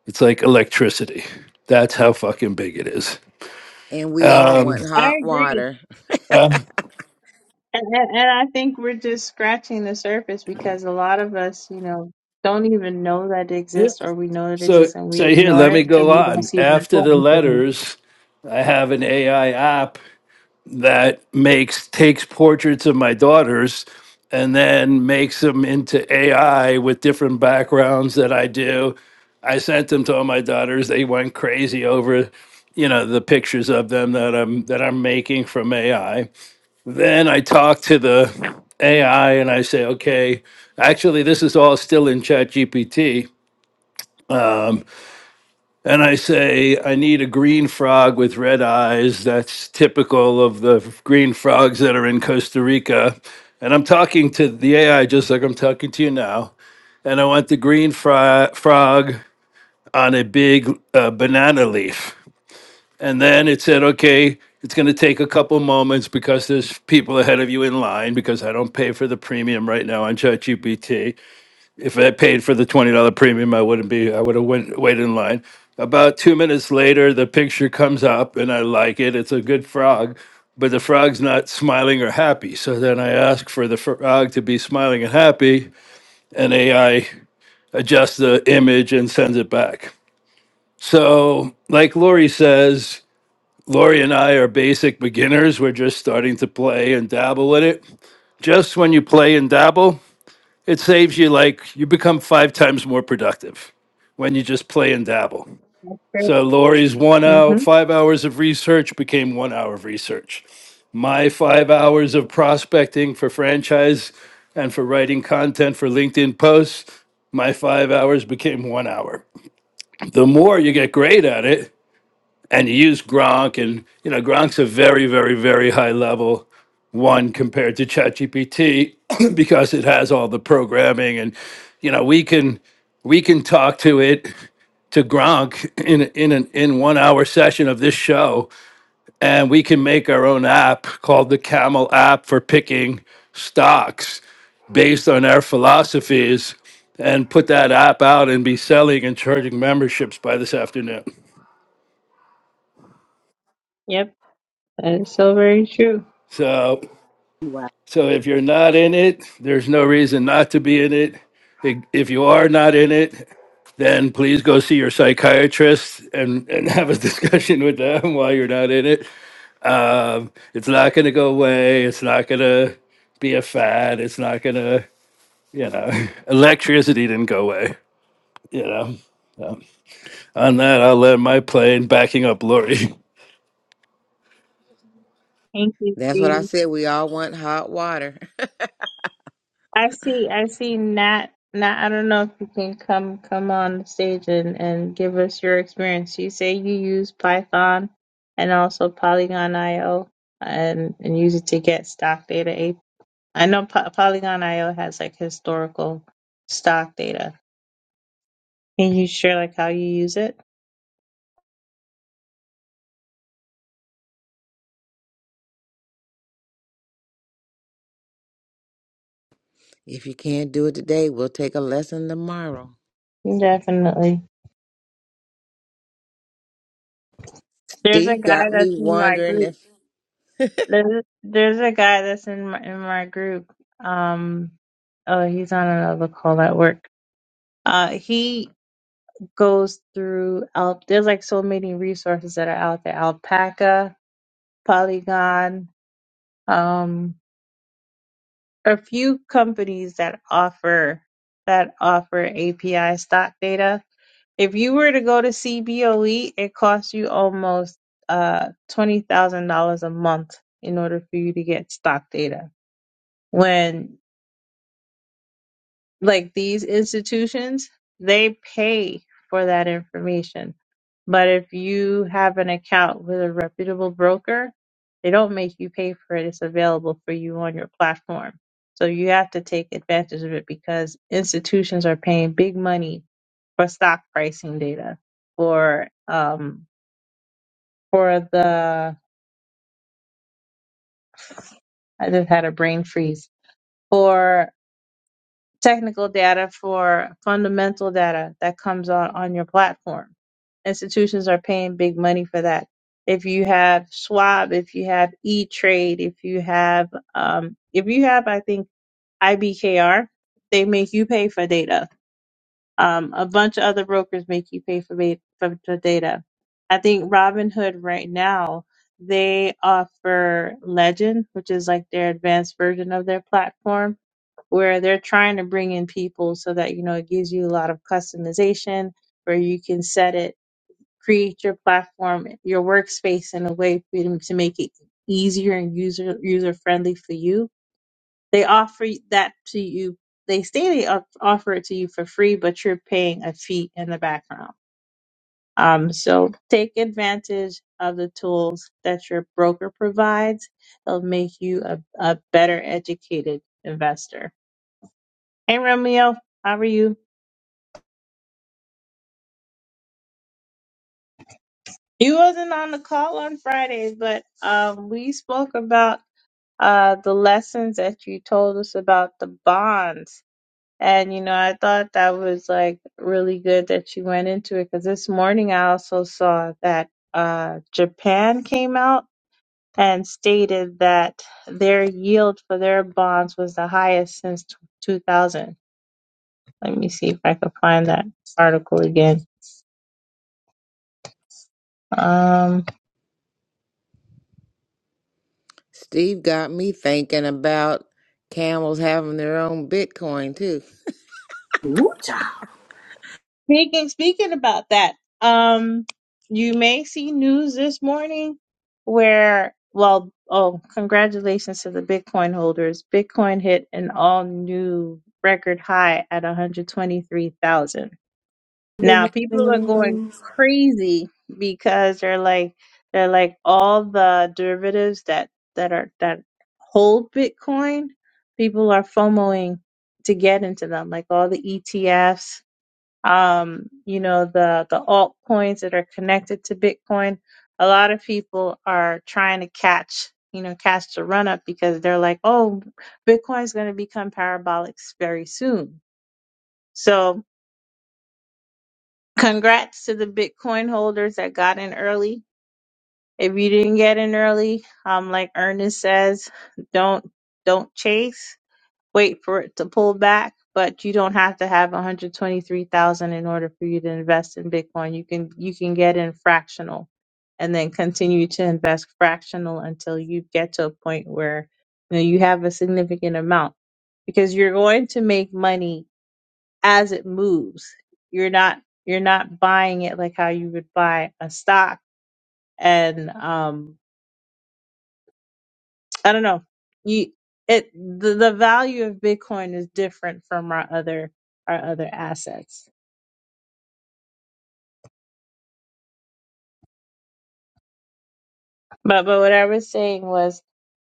it's like electricity that's how fucking big it is and we all um want hot agree. water. uh, And, and and I think we're just scratching the surface because a lot of us, you know, don't even know that it yeah exists or we know it so exists and we so here ignore let me it because go we don't on see the after the importance of letters i have an ai app that makes takes portraits of my daughters and then makes them into AI with different backgrounds that I do. I sent them to all my daughters. They went crazy over, you know, the pictures of them that I'm that I'm making from AI. Then I talk to the AI and I say, okay, actually this is all still in Chat GPT and I say, I need a green frog with red eyes. That's typical of the green frogs that are in Costa Rica. And I'm talking to the AI just like I'm talking to you now. And I want the green fro- frog on a big uh, banana leaf. And then it said, okay, it's going to take a couple moments because there's people ahead of you in line because I don't pay for the premium right now on ChatGPT if I paid for the twenty dollar premium, I wouldn't be. I would have went waited in line. About two minutes later, the picture comes up, and I like it. It's a good frog, but the frog's not smiling or happy. So then I ask for the frog to be smiling and happy, and AI adjusts the image and sends it back. So, like Lori says, Lori and I are basic beginners. We're just starting to play and dabble with it. Just when you play and dabble, it saves you like you become five times more productive when you just play and dabble. it. So Lori's one hour, Mm-hmm. five hours of research became one hour of research. My five hours of prospecting for franchise and for writing content for LinkedIn posts, my five hours became one hour. The more you get great at it, and you use Gronk, and you know Gronk's a very, very, very high level one compared to ChatGPT because it has all the programming, and you know we can we can talk to it to Gronk in in an in one hour session of this show, and we can make our own app called the Camel app for picking stocks based on our philosophies and put that app out and be selling and charging memberships by this afternoon. Yep. That is so very true. So Wow. So if you're not in it, there's no reason not to be in it. If you are not in it, then please go see your psychiatrist and, and have a discussion with them while you're not in it. Um, it's not going to go away. It's not going to be a fad. It's not going to, you know, electricity didn't go away, you know. So on that, I'll land my plane backing up Lori. Thank you, That's what I Dee. said. We all want hot water. I see, I see Nat. Nat, I don't know if you can come come on the stage and, and give us your experience. You say you use Python and also Polygon IO and, and use it to get stock data I know po- Polygon IO has like historical stock data. Can you share like how you use it? If you can't do it today, we'll take a lesson tomorrow. Definitely. There's a Steve guy got that's me in my wondering group. if There's there's a guy that's in my, in my group. Um, oh, he's on another call at work. Uh, he goes through al- there's like so many resources that are out there. Alpaca, Polygon, um, a few companies that offer that offer API stock data If you were to go to CBOE, it costs you almost uh twenty thousand dollars a month in order for you to get stock data. When like these institutions, they pay for that information. But if you have an account with a reputable broker, they don't make you pay for it. It's available for you on your platform. So you have to take advantage of it because institutions are paying big money for stock pricing data, for um, for the I just had a brain freeze for technical data for fundamental data that comes on on your platform. Institutions are paying big money for that. If you have Schwab, if you have E Trade, if you have um, if you have I think IBKR, they make you pay for data Um, a bunch of other brokers make you pay for, ba- for the data. I think Robinhood right now, they offer Legend, which is like their advanced version of their platform, where they're trying to bring in people so that, you know, it gives you a lot of customization where you can set it, create your platform, your workspace in a way for you to to make it easier and user user friendly for you they offer that to you. They say they off- offer it to you for free, but you're paying a fee in the background. Um, so take advantage of the tools that your broker provides. They'll make you a, a better educated investor. Hey, Romeo, how are you? You wasn't on the call on Friday, but um, we spoke about uh, the lessons that you told us about the bonds And you know, I thought that was like really good that you went into it because this morning I also saw that uh, Japan came out and stated that their yield for their bonds was the highest since 2000. Let me see if I can find that article again. Um, Steve got me thinking about camels having their own Bitcoin too. Ooh, child. Speaking speaking about that, um, you may see news this morning where, well, oh, congratulations to the Bitcoin holders. Bitcoin hit an all new record high at 123,000. Ling, Now ling, ling, people are going ling. crazy because they're like they're like all the derivatives that that are that hold Bitcoin, people are FOMOing to get into them, like all the ETFs um, you know, the the altcoins that are connected to Bitcoin. A lot of people are trying to catch, you know, catch the run up because they're like, oh, Bitcoin's going to become parabolic very soon. So, congrats to the Bitcoin holders that got in early. If you didn't get in early, um, like Ernest says, don't don't chase. wait for it to pull back, but you don't have to have 123,000 in order for you to invest in Bitcoin. You can you can get in fractional and then continue to invest fractional until you get to a point where you know you have a significant amount because you're going to make money as it moves. You're not you're not buying it like how you would buy a stock and um I don't know. You it the, the value of Bitcoin is different from our other our other assets. But but what I was saying was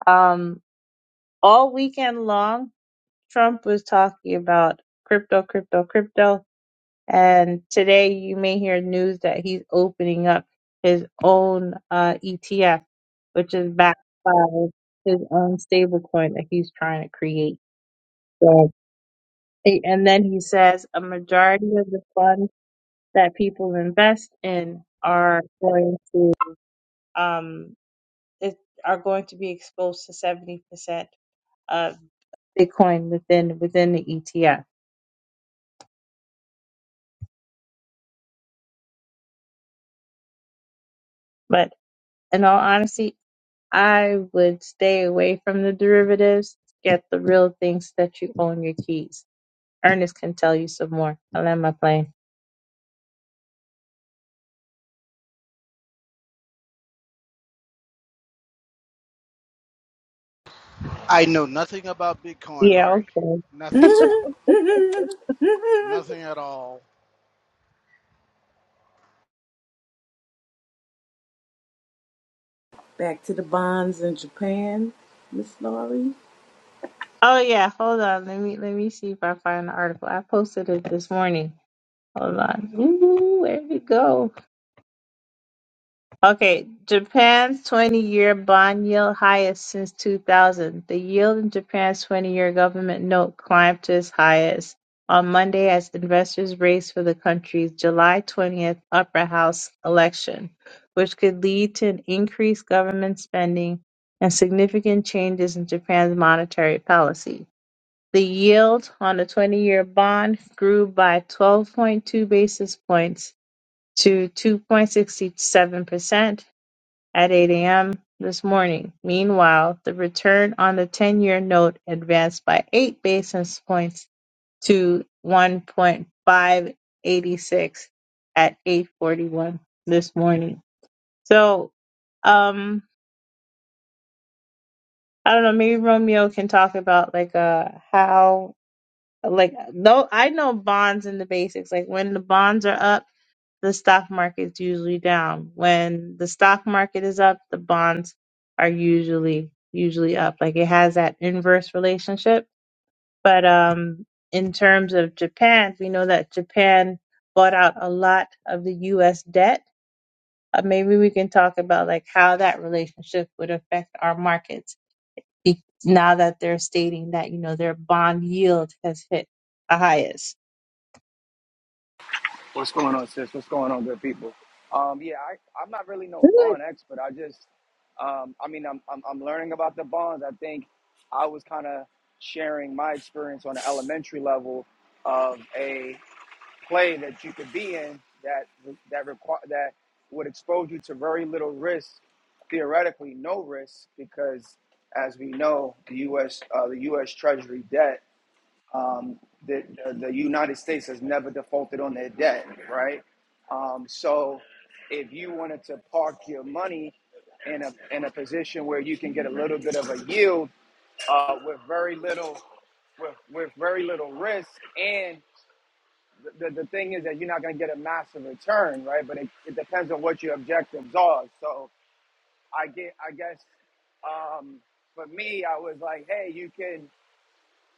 um all weekend long Trump was talking about crypto, crypto, crypto. And today you may hear news that he's opening up his own uh ETF, which is backed by his own stablecoin that he's trying to create. So and then he says a majority of the funds that people invest in are going to um, it, are going to be exposed to seventy percent of Bitcoin within within the ETF. But in all honesty, I would stay away from the derivatives. Get the real things that you own your keys. Ernest can tell you some more. I land my plane. I know nothing about Bitcoin, Yeah, Larry. okay. Nothing. Nothing at all. Back to the bonds in Japan, Miss Laurie. Oh yeah, hold on. Let me let me see if I find the article. I posted it this morning. Hold on. Ooh, where'd it go? Okay, Japan's 20-year bond yield highest since 2000. The yield in Japan's 20-year government note climbed to its highest on Monday as investors raced for the country's July 20th upper house election, which could lead to an increased government spending and significant changes in Japan's monetary policy. The yield on the 20-year bond grew by 12.2 basis points to 2.67% at eight AM this morning. Meanwhile, the return on the 10-year note advanced by 8 basis points to 1.586 at 8:41 this morning. So, um I don't know, maybe Romeo can talk about like uh how like no I know bonds and the basics like when the bonds are up the stock market's usually down. When the stock market is up, the bonds are usually usually up. Like it has that inverse relationship. But um in terms of Japan, we know that Japan bought out a lot of the US debt. Uh, maybe we can talk about like how that relationship would affect our markets be- now that they're stating that, you know, their bond yield has hit the highest. What's going on, sis? What's going on, good people? Um, yeah, I, I'm not really no Good. bond expert. I just, um, I mean, I'm, I'm, I'm learning about the bonds. I think I was kind of sharing my experience on an elementary level of a play that you could be in that that require that would expose you to very little risk, theoretically no risk, because as we know, the U.S. Uh, the U.S. Treasury debt um, the, the United States has never defaulted on their debt, right? Um, so if you wanted to park your money in a in a position where you can get a little bit of a yield uh, with very little with, with very little risk and the, the thing is that you're not going to get a massive return right but it, it depends on what your objectives are so i get i guess um, for me i was like hey you can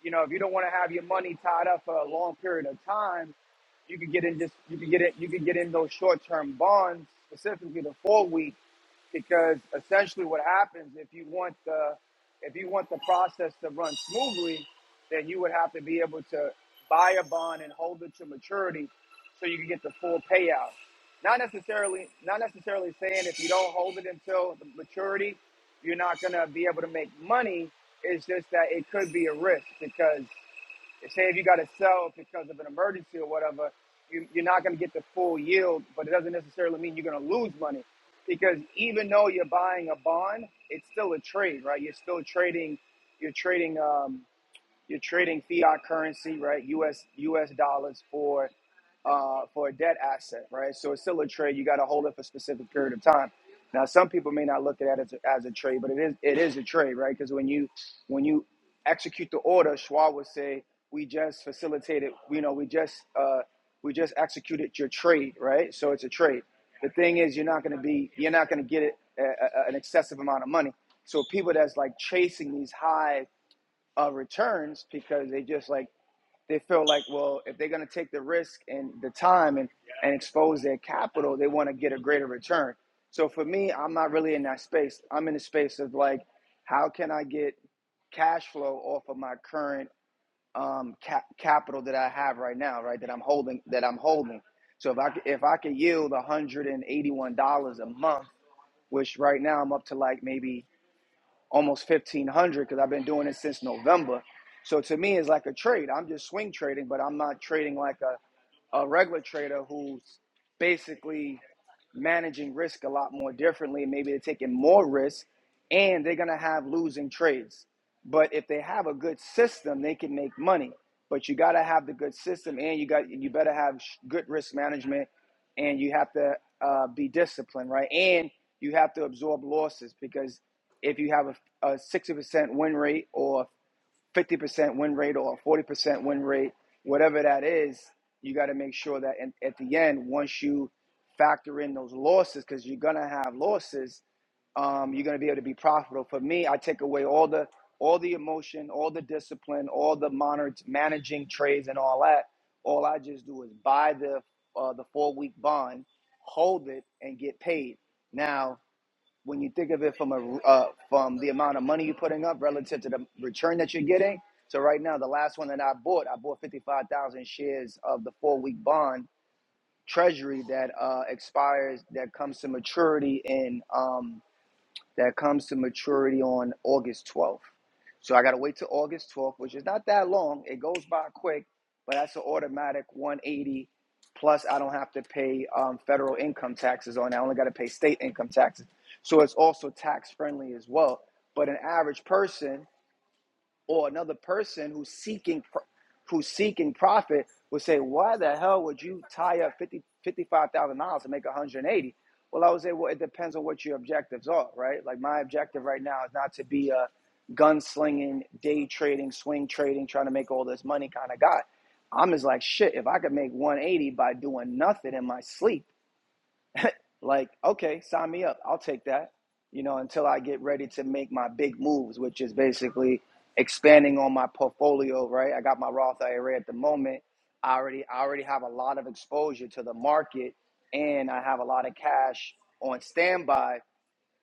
you know, if you don't want to have your money tied up for a long period of time, you could get in just you could get it you could get in those short term bonds, specifically the four week, because essentially what happens if you want the if you want the process to run smoothly, then you would have to be able to buy a bond and hold it to maturity so you can get the full payout. Not necessarily, not necessarily saying if you don't hold it until the maturity, you're not gonna be able to make money. It's just that it could be a risk because say if you got to sell because of an emergency or whatever, you, you're not going to get the full yield, but it doesn't necessarily mean you're going to lose money because even though you're buying a bond, it's still a trade, right? You're still trading, you're trading. Um, you're trading fiat currency, right? U.S. U.S. dollars for uh, for a debt asset, right? So it's still a trade. You got to hold it for a specific period of time. Now, some people may not look at it as a, as a trade, but it is it is a trade, right? Because when you when you execute the order, Schwab would say, "We just facilitated, you know, we just uh, we just executed your trade, right?" So it's a trade. The thing is, you're not going to be you're not going to get it a, a, an excessive amount of money. So people that's like chasing these high uh, returns because they just like they feel like well if they're going to take the risk and the time and, and expose their capital they want to get a greater return so for me i'm not really in that space i'm in the space of like how can i get cash flow off of my current um, cap- capital that i have right now right that i'm holding that i'm holding so if I if i could yield $181 a month which right now i'm up to like maybe almost 1500 because I've been doing it since November. So to me, it's like a trade. I'm just swing trading, but I'm not trading like a, a regular trader who's basically managing risk a lot more differently. Maybe they're taking more risk and they're going to have losing trades. But if they have a good system, they can make money. But you got to have the good system and you got you better have sh- good risk management and you have to uh, be disciplined, right? And you have to absorb losses because if you have a, a 60% win rate or 50% win rate or 40% win rate, whatever that is, you got to make sure that in, at the end, once you factor in those losses, because you're going to have losses, um, you're going to be able to be profitable. For me, I take away all the all the emotion, all the discipline, all the monitor, managing trades and all that. All I just do is buy the uh, the four week bond, hold it, and get paid. Now when you think of it from a uh, from the amount of money you're putting up relative to the return that you're getting. So right now, the last one that I bought, I bought fifty five thousand shares of the four week bond treasury that uh, expires that comes to maturity in. Um, that comes to maturity on August 12th. So I got to wait till August 12th, which is not that long. It goes by quick, but that's an automatic 180. Plus, I don't have to pay um, federal income taxes on it. I only got to pay state income taxes. So it's also tax friendly as well. But an average person or another person who's seeking pro- who's seeking profit would say, "Why the hell would you tie up fifty fifty five thousand dollars to make 180?" Well, I would say, "Well, it depends on what your objectives are, right? Like my objective right now is not to be a gunslinging, day trading, swing trading, trying to make all this money kind of guy. I'm just like, shit, if I could make 180 by doing nothing in my sleep, like, okay, sign me up. I'll take that. You know, until I get ready to make my big moves, which is basically expanding on my portfolio, right? I got my Roth IRA at the moment. I already I already have a lot of exposure to the market and I have a lot of cash on standby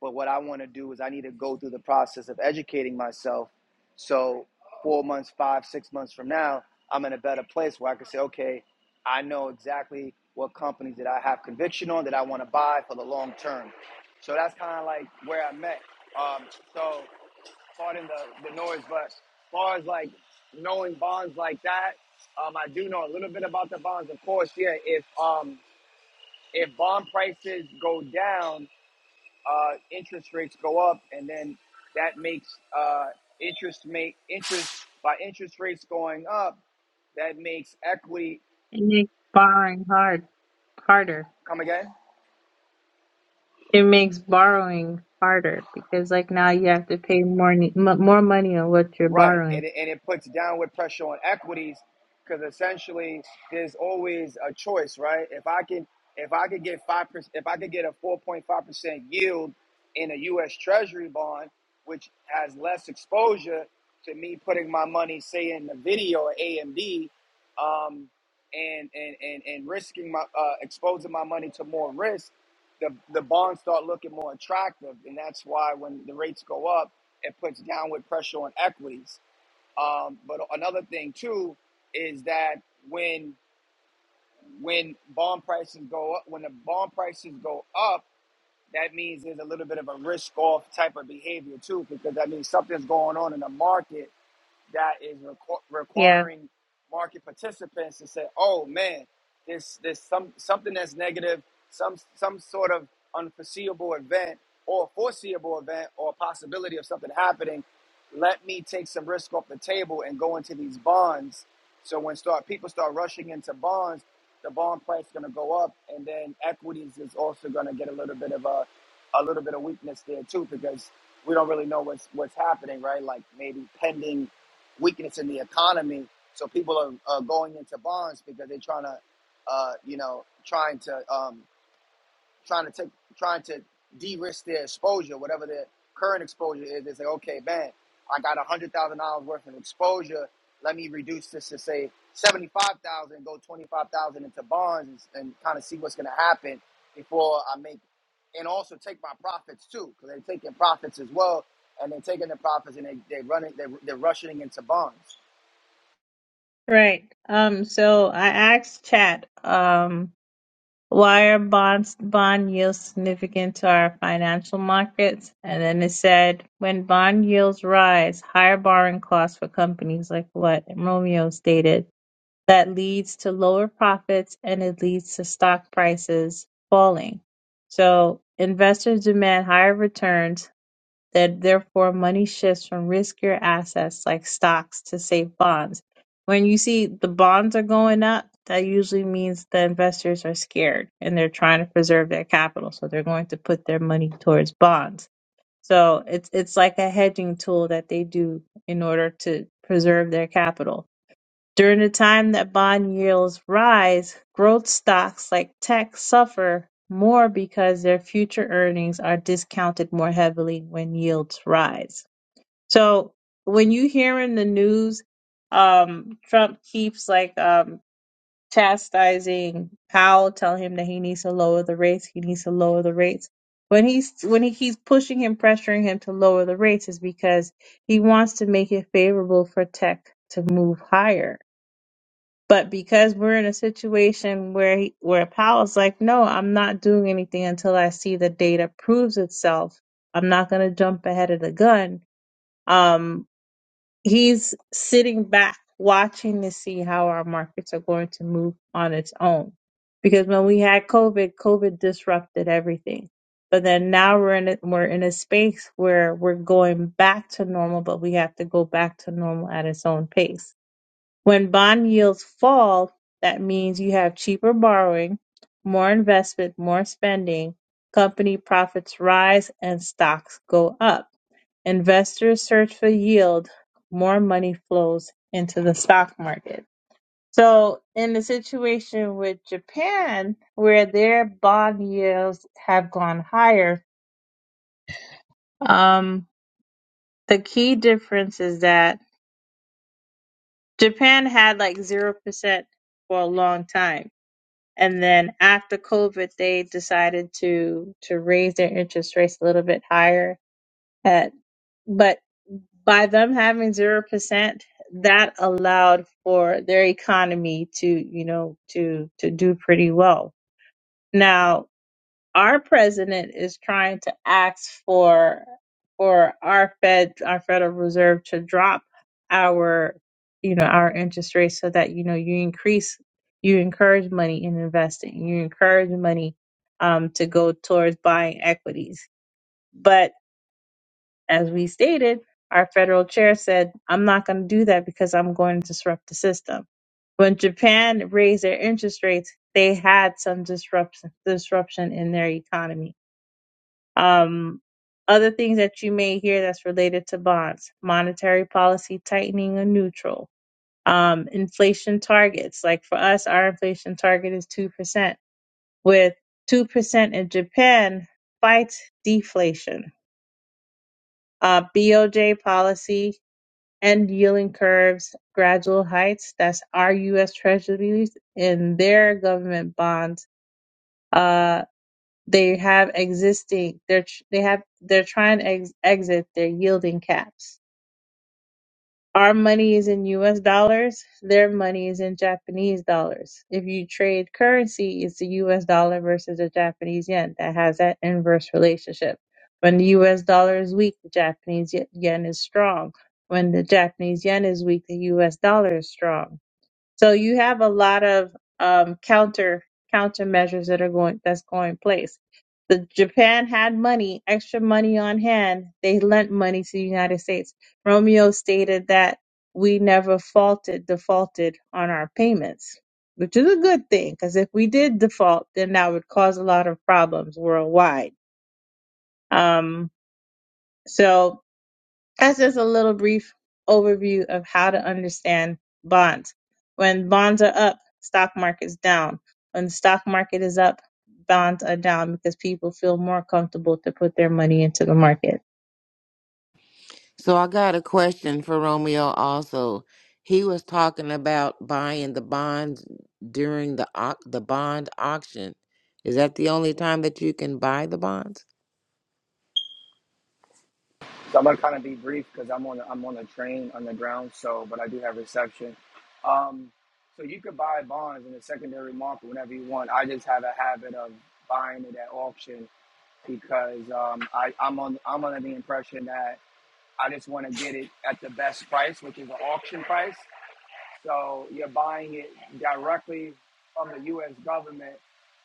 but what I want to do is I need to go through the process of educating myself. So four months, five, six months from now, I'm in a better place where I can say, okay, I know exactly what companies that I have conviction on that I want to buy for the long term. So that's kind of like where I'm at. Um, so pardon the, the noise, but as far as like knowing bonds like that, um, I do know a little bit about the bonds. Of course, yeah, if um, if bond prices go down, uh, interest rates go up, and then that makes uh, interest make interest by interest rates going up, that makes equity And they're borrowing hard harder. come again. It makes borrowing harder because like now you have to pay more ne- m- more money on what you're Right, borrowing. and it, and it puts downward pressure on equities because essentially there's always a choice, right? If I can if I could get five percent, if I could get a four point five percent yield in a U.S. Treasury bond, which has less exposure to me putting my money, say, in the video or AMD, um, and and and and risking my uh, exposing my money to more risk, the the bonds start looking more attractive, and that's why when the rates go up it puts downward pressure on equities. Um, but another thing too is that when when bond prices go up, when the bond prices go up, that means there's a little bit of a risk off type of behavior too, because that means something's going on in the market that is requ- Yeah, requiring market participants to say, "Oh man, this this some something that's negative, some some sort of unforeseeable event or foreseeable event or possibility of something happening. Let me take some risk off the table and go into these bonds." So when start people start rushing into bonds, the bond price is going to go up, and then equities is also going to get a little bit of a a little bit of weakness there too because we don't really know what's what's happening, right? Like maybe pending weakness in the economy. So people are, are going into bonds because they're trying to, uh, you know, trying to um, trying to take trying to de-risk their exposure, whatever their current exposure is. They say, okay, man, I got a hundred thousand dollars worth of exposure. Let me reduce this to say seventy-five thousand, go twenty-five thousand into bonds, and, and kind of see what's going to happen before I make, and also take my profits too, because they're taking profits as well, and they're taking the profits and they they running they they're rushing into bonds. right. Um, so I asked Chat, um, why are bonds bond yields significant to our financial markets? And then it said when bond yields rise, higher borrowing costs for companies like what Romeo stated. That leads to lower profits and it leads to stock prices falling. So investors demand higher returns That Therefore, money shifts from riskier assets like stocks to safe bonds. When you see the bonds are going up, that usually means the investors are scared and they're trying to preserve their capital, so they're going to put their money towards bonds. So it's it's like a hedging tool that they do in order to preserve their capital during the time that bond yields rise, growth stocks like tech suffer more because their future earnings are discounted more heavily when yields rise. So when you hear in the news, um, Trump keeps like um, chastising Powell, telling him that he needs to lower the rates. He needs to lower the rates. When he's when he keeps pushing him, pressuring him to lower the rates, is because he wants to make it favorable for tech to move higher but because we're in a situation where he, where Powell's like, no, I'm not doing anything until I see the data proves itself. I'm not going to jump ahead of the gun. Um, he's sitting back, watching to see how our markets are going to move on its own. Because when we had COVID, COVID disrupted everything. But then now we're in a, we're in a space where we're going back to normal, but we have to go back to normal at its own pace. When bond yields fall, that means you have cheaper borrowing, more investment, more spending, company profits rise, and stocks go up. Investors search for yield, more money flows into the stock market. So, in the situation with Japan, where their bond yields have gone higher, um, the key difference is that Japan had like 0% for a long time and then after COVID, they decided to to raise their interest rates a little bit higher. At, but by them having zero percent, that allowed for their economy to you know to to do pretty well. Now our president is trying to ask for for our Fed, our Federal Reserve, to drop our you know our interest rates so that you know you increase you encourage money in investing, you encourage money um, to go towards buying equities. But as we stated, our federal chair said, "I'm not going to do that because I'm going to disrupt the system." When Japan raised their interest rates, they had some disruption disruption in their economy um, other things that you may hear that's related to bonds, monetary policy tightening or neutral, um, inflation targets. Like for us, our inflation target is 2%, with 2% in Japan fights deflation. Uh, BOJ policy end yielding curves, gradual heights. That's our U.S. treasuries and their government bonds. Uh, They have existing. They're tr- they have they're trying to ex- exit their yielding caps. Our money is in U.S. dollars. Their money is in Japanese dollars. If you trade currency, it's the U.S. dollar versus the Japanese yen. That has that inverse relationship. When the U.S. dollar is weak, the Japanese y- yen is strong. When the Japanese yen is weak, the U.S. dollar is strong so you have a lot of um, counter countermeasures that are going that's going in place. The Japan had money, extra money on hand. They lent money to the United States. Romeo stated that we never faulted defaulted on our payments, which is a good thing because if we did default, then that would cause a lot of problems worldwide. Um, so that's just a little brief overview of how to understand bonds. When bonds are up, stock market's down. When stock market is up, bonds are down because people feel more comfortable to put their money into the market. So I got a question for Romeo also. He was talking about buying the bonds during the au- the bond auction. Is that the only time that you can buy the bonds? So I'm gonna kind of be brief because I'm on I'm on a train on the ground. So, but I do have reception. Um, so you could buy bonds in the secondary market whenever you want. I just have a habit of buying it at auction because um, I, I'm on I'm under the impression that I just want to get it at the best price, which is the auction price. So you're buying it directly from the U.S. government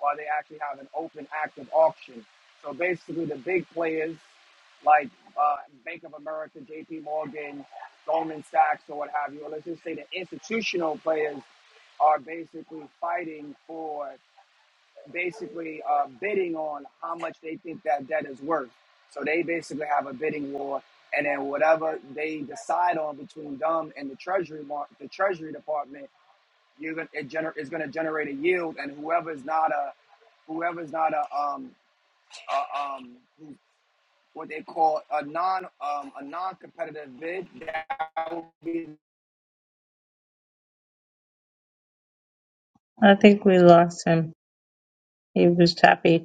while they actually have an open, active auction. So basically, the big players like uh, Bank of America, J.P. Morgan, Goldman Sachs, or what have you, or let's just say the institutional players are basically fighting for basically uh, bidding on how much they think that debt is worth. So they basically have a bidding war, and then whatever they decide on between them and the treasury mar- the treasury department, you're gonna it gener- is going to generate a yield, and whoever's not a whoever's not a um a, um what they call a non um a non competitive bid that would be I think we lost him. He was happy.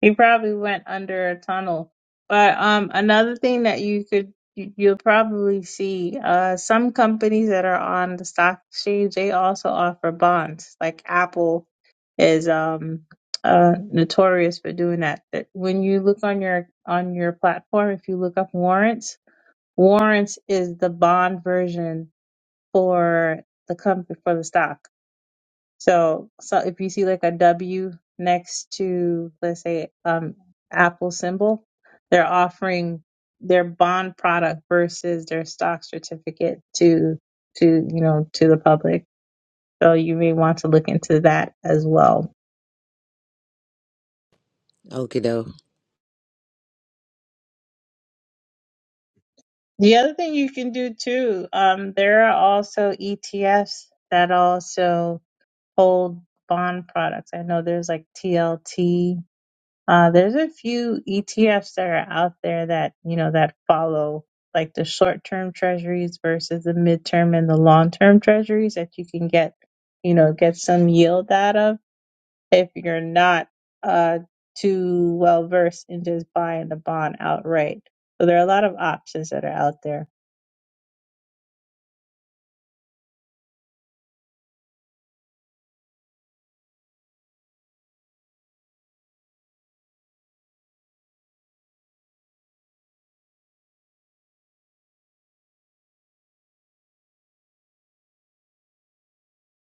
He probably went under a tunnel. But um, another thing that you could you- you'll probably see uh, some companies that are on the stock exchange they also offer bonds. Like Apple is um uh notorious for doing that. That when you look on your on your platform, if you look up warrants, warrants is the bond version for the company for the stock. So, so if you see like a W next to, let's say, um, Apple symbol, they're offering their bond product versus their stock certificate to to you know to the public. So you may want to look into that as well. Okay, though. The other thing you can do too, um, there are also ETFs that also hold bond products. I know there's like TLT Uh, there's a few ETFs that are out there that, you know, that follow like the short-term treasuries versus the midterm and the long-term treasuries that you can get, you know, get some yield out of if you're not uh, too well versed in just buying the bond outright. So there are a lot of options that are out there.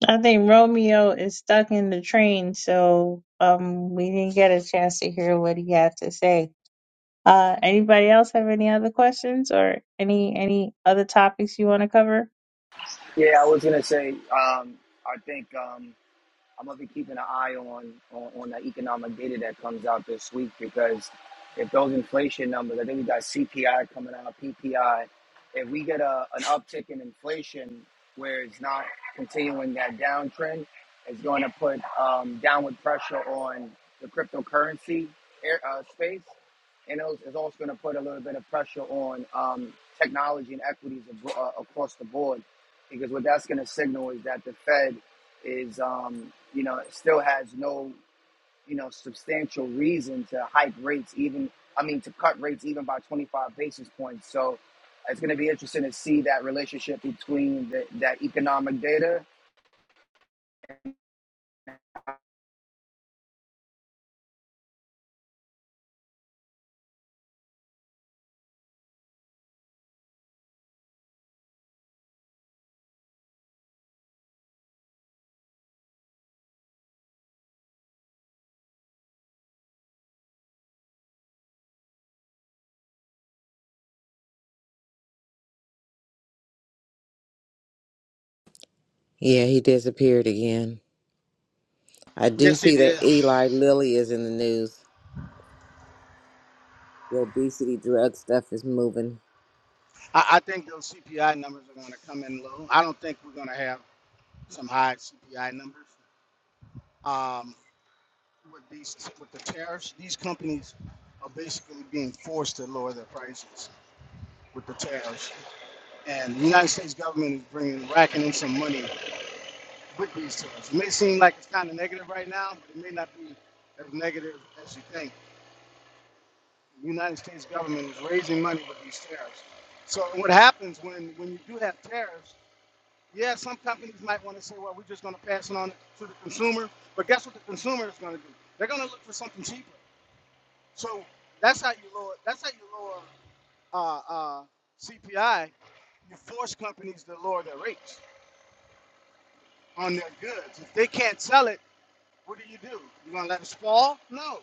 I think Romeo is stuck in the train, so um, we didn't get a chance to hear what he had to say. Uh, anybody else have any other questions or any any other topics you want to cover? yeah I was gonna say um I think um I'm gonna be keeping an eye on, on on the economic data that comes out this week because if those inflation numbers, I think we got CPI coming out, PPI. If we get a an uptick in inflation where it's not continuing that downtrend, it's going to put um, downward pressure on the cryptocurrency air, uh, space, and it's also going to put a little bit of pressure on um, technology and equities abro- uh, across the board because what that's going to signal is that the Fed is um, you know still has no you know substantial reason to hike rates even I mean to cut rates even by 25 basis points. So it's going to be interesting to see that relationship between the, that economic data. Yeah, he disappeared again. I do Yes, he see that did. Eli Lilly is in the news. The obesity drug stuff is moving. I, I think those CPI numbers are going to come in low. I don't think we're going to have some high CPI numbers. Um, with these, with the tariffs, these companies are basically being forced to lower their prices. with the tariffs. And the United States government is bringing, racking in some money with these tariffs. It may seem like it's kind of negative right now, but it may not be as negative as you think. The United States government is raising money with these tariffs. So what happens when, when you do have tariffs, yeah, some companies might want to say, well, we're just going to pass it on to the consumer. But guess what the consumer is going to do? They're going to look for something cheaper. So that's how you lower, that's how you lower uh, uh, CPI. You force companies to lower their rates on their goods. If they can't sell it, what do you do? You gonna let it spoil? No.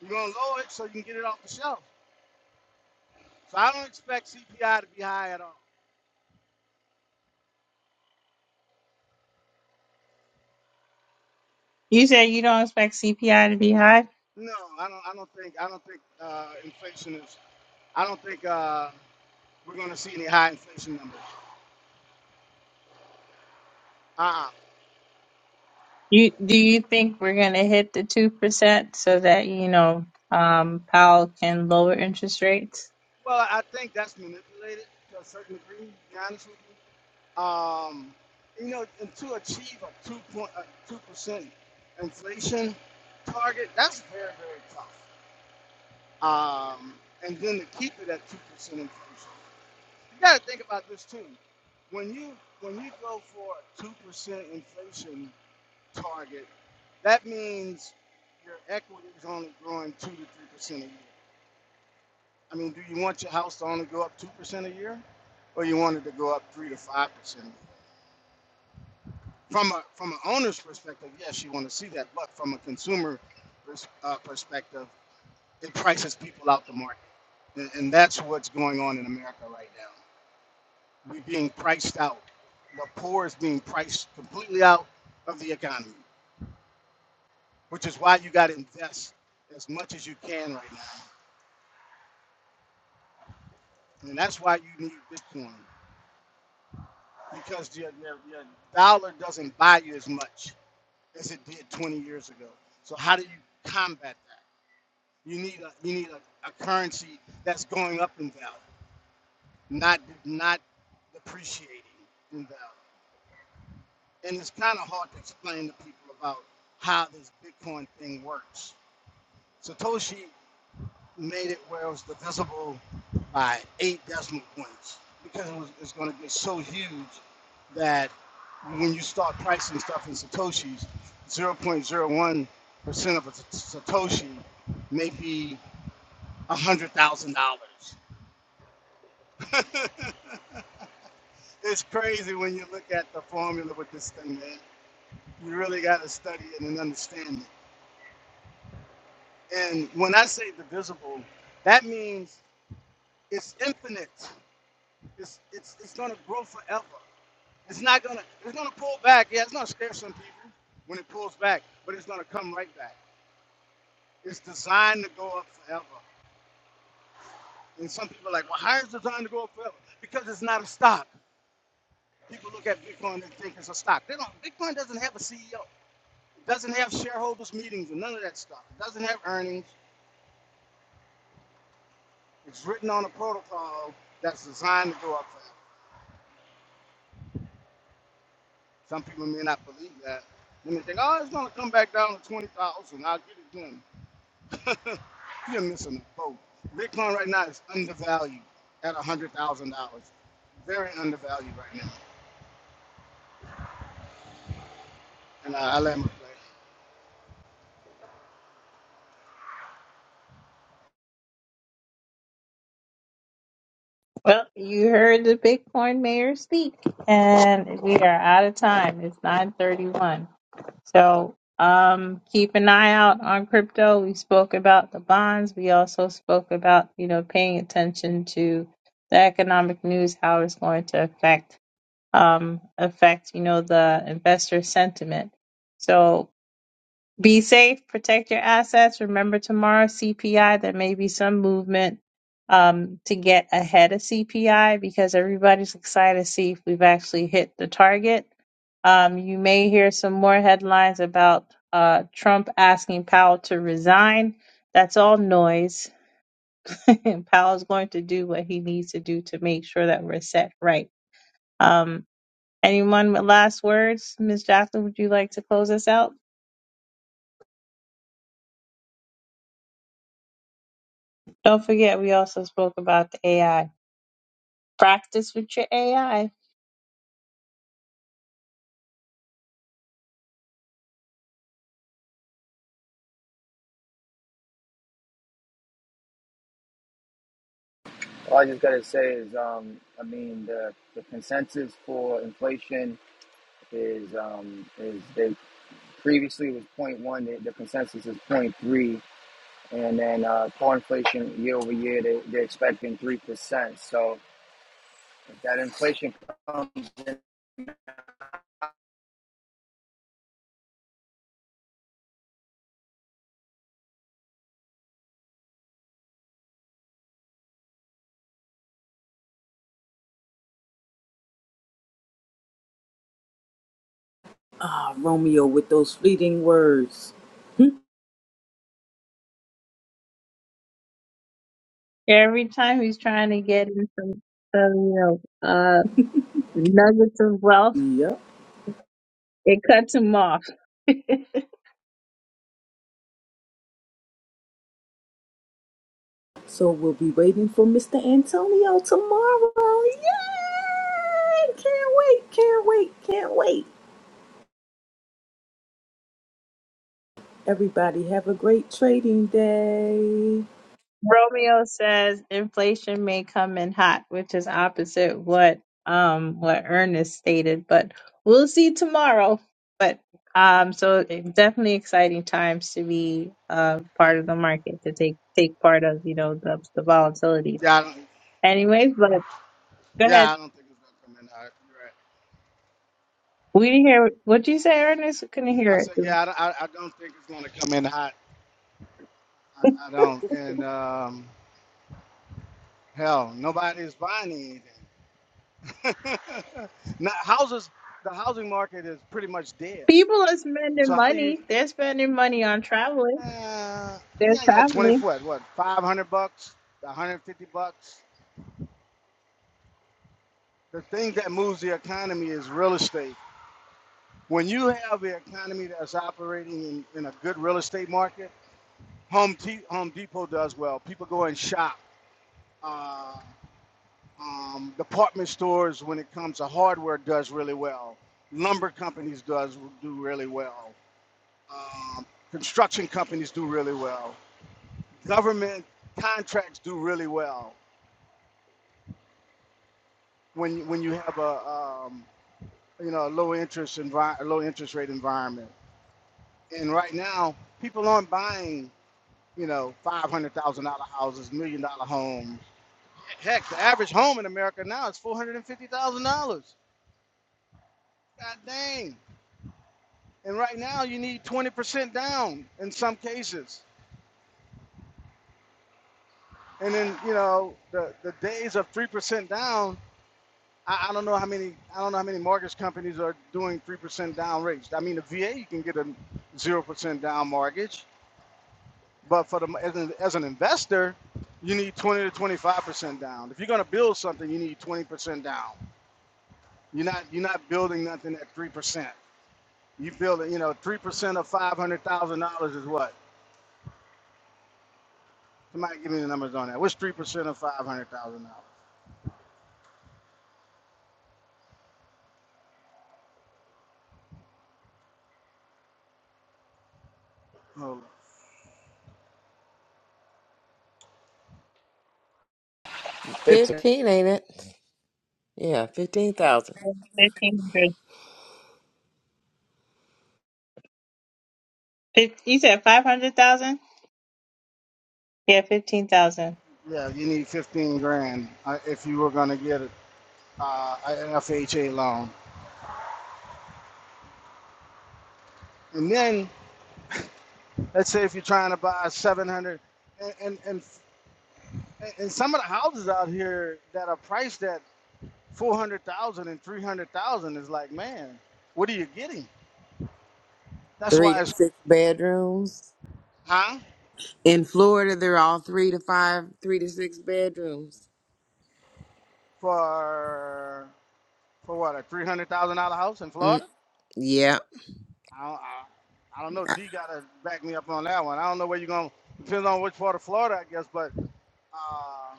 You're gonna lower it so you can get it off the shelf. So I don't expect CPI to be high at all. You said you don't expect CPI to be high. No, I don't. I don't think. I don't think uh, inflation is. I don't think uh, we're gonna see any high inflation numbers. Uh-uh. You do you think we're going to hit the two percent so that you know um, Powell can lower interest rates? Well, I think that's manipulated to a certain degree. To be honest with you. Um, you know, and to achieve a two point two percent inflation target, that's very very tough. um, and then to keep it at two percent inflation. You got to think about this too. When you when you go for a two percent inflation target, that means your equity is only growing two to three percent a year. I mean, do you want your house to only go up two percent a year, or you want it to go up three to five percent? From a from an owner's perspective, yes, you want to see that, but from a consumer pers- uh, perspective, it prices people out the market. And, and that's what's going on in America right now. We're being priced out. The poor is being priced completely out of the economy, which is why you got to invest as much as you can right now. And that's why you need Bitcoin because your, your, your dollar doesn't buy you as much as it did 20 years ago. So how do you combat that? You need a, you need a, a currency that's going up in value, not not depreciating in value. and it's kind of hard to explain to people about how this Bitcoin thing works. Satoshi made it where it was divisible by eight decimal points because it was, it's going to get so huge that when you start pricing stuff in Satoshis, 0.01% of a Satoshi may be $100,000. it's crazy when you look at the formula with this thing, man. You really got to study it and understand it. And when I say divisible, that means it's infinite. It's it's it's gonna grow forever. It's not gonna it's gonna pull back. Yeah, it's gonna scare some people when it pulls back, but it's gonna come right back. It's designed to go up forever. And some people are like, well, how is it designed to go up forever? Because it's not a stock. People look at Bitcoin and think it's a stock. They don't. Bitcoin doesn't have a CEO. It doesn't have shareholders meetings and none of that stuff. It doesn't have earnings. It's written on a protocol that's designed to go up forever. Some people may not believe that. Then They think, oh, it's gonna come back down to twenty thousand. I'll get it done. You're missing the boat. Bitcoin right now is undervalued at one hundred thousand dollars. Very undervalued right now. And I, I let my play. Well, you heard the Bitcoin mayor speak, and we are out of time. It's nine thirty-one. So um, keep an eye out on crypto. We spoke about the bonds. We also spoke about you know paying attention to the economic news, how it's going to affect um, affect you know the investor sentiment. So be safe, protect your assets. Remember tomorrow CPI, there may be some movement um, to get ahead of CPI because everybody's excited to see if we've actually hit the target. Um, you may hear some more headlines about uh, Trump asking Powell to resign. That's all noise. And Powell's going to do what he needs to do to make sure that we're set right. Um, anyone with last words? Ms. Jacqueline, would you like to close us out? Don't forget, we also spoke about the AI. Practice with your AI. All I just got to say is um, I mean the, the consensus for inflation is um, is they previously was zero point 0.1 the, the consensus is zero point 0.3 and then uh, core inflation year over year they, they're expecting 3% so that inflation comes in Ah, Romeo with those fleeting words. Every time he's trying to get in some, some you know, uh, nuggets of wealth, Yep. it cuts him off. Romeo So we'll be waiting for Mr. Antonio tomorrow. Yay! Can't wait, can't wait, can't wait. Everybody have a great trading day. says inflation may come in hot, which is opposite what um what Ernest stated, but we'll see tomorrow. But um, so it's definitely exciting times to be uh part of the market to take take part of you know the the volatility. Yeah, I don't. Anyways, but Go Yeah, ahead. I don't think it's gonna come in hot. You're right. We didn't hear what you say, Ernest. We couldn't I hear said, it. yeah, I, don't- I, I don't think it's gonna come in hot. I, I don't. And um, hell, nobody is buying anything. now, houses, the housing market is pretty much dead. People are So spending how do you money. They're spending money on traveling. Uh, They're yeah, yeah, 20 traveling. foot. What, 500 bucks, 150 bucks? The thing that moves the economy is real estate. When you have the economy that's operating in, in a good real estate market, Home, T- Home Depot does well. People go and shop. Uh, um, department stores, when it comes to hardware, does really well. Lumber companies does do really well. Um, construction companies do really well. Government contracts do really well when when you have a um, you know a low interest envi- a low interest rate environment. And right now, people aren't buying you know five hundred thousand dollar houses, million dollar homes. Heck, the average home in America now is four hundred and fifty thousand dollars. God dang! And right now, you need twenty percent down in some cases. And then you know the the days of three percent down. I, I don't know how many I don't know how many mortgage companies are doing three percent down rates. I mean, the VA you can get a zero percent down mortgage But for the as an, as an investor, you need 20 to 25 percent down. If you're going to build something, you need 20 percent down. You're not you're not building nothing at three percent. You build it, you know, three percent of five hundred thousand dollars is what? Somebody give me the numbers on that. What's three percent of five hundred thousand dollars? Oh, 50 15, ain't it? Yeah, 15,000. Fifteen hundred. Fif- You said five hundred thousand. Yeah, fifteen thousand. yeah, you need 15 grand uh, if you were going to get an uh, an FHA loan. And then let's say if you're trying to buy 700 and and, and and some of the houses out here that are priced at 400,000 and 300,000 is like, man, what are you getting? That's Three why to it's, six bedrooms. huh? In Florida, they're all three to five, three to six bedrooms. For, for what, a $300,000 house in Mm, Florida? yeah. I don't, I, I don't know. Uh, D got to back me up on that one. I don't know where you're going to, depends on which part of Florida, I guess, but uh,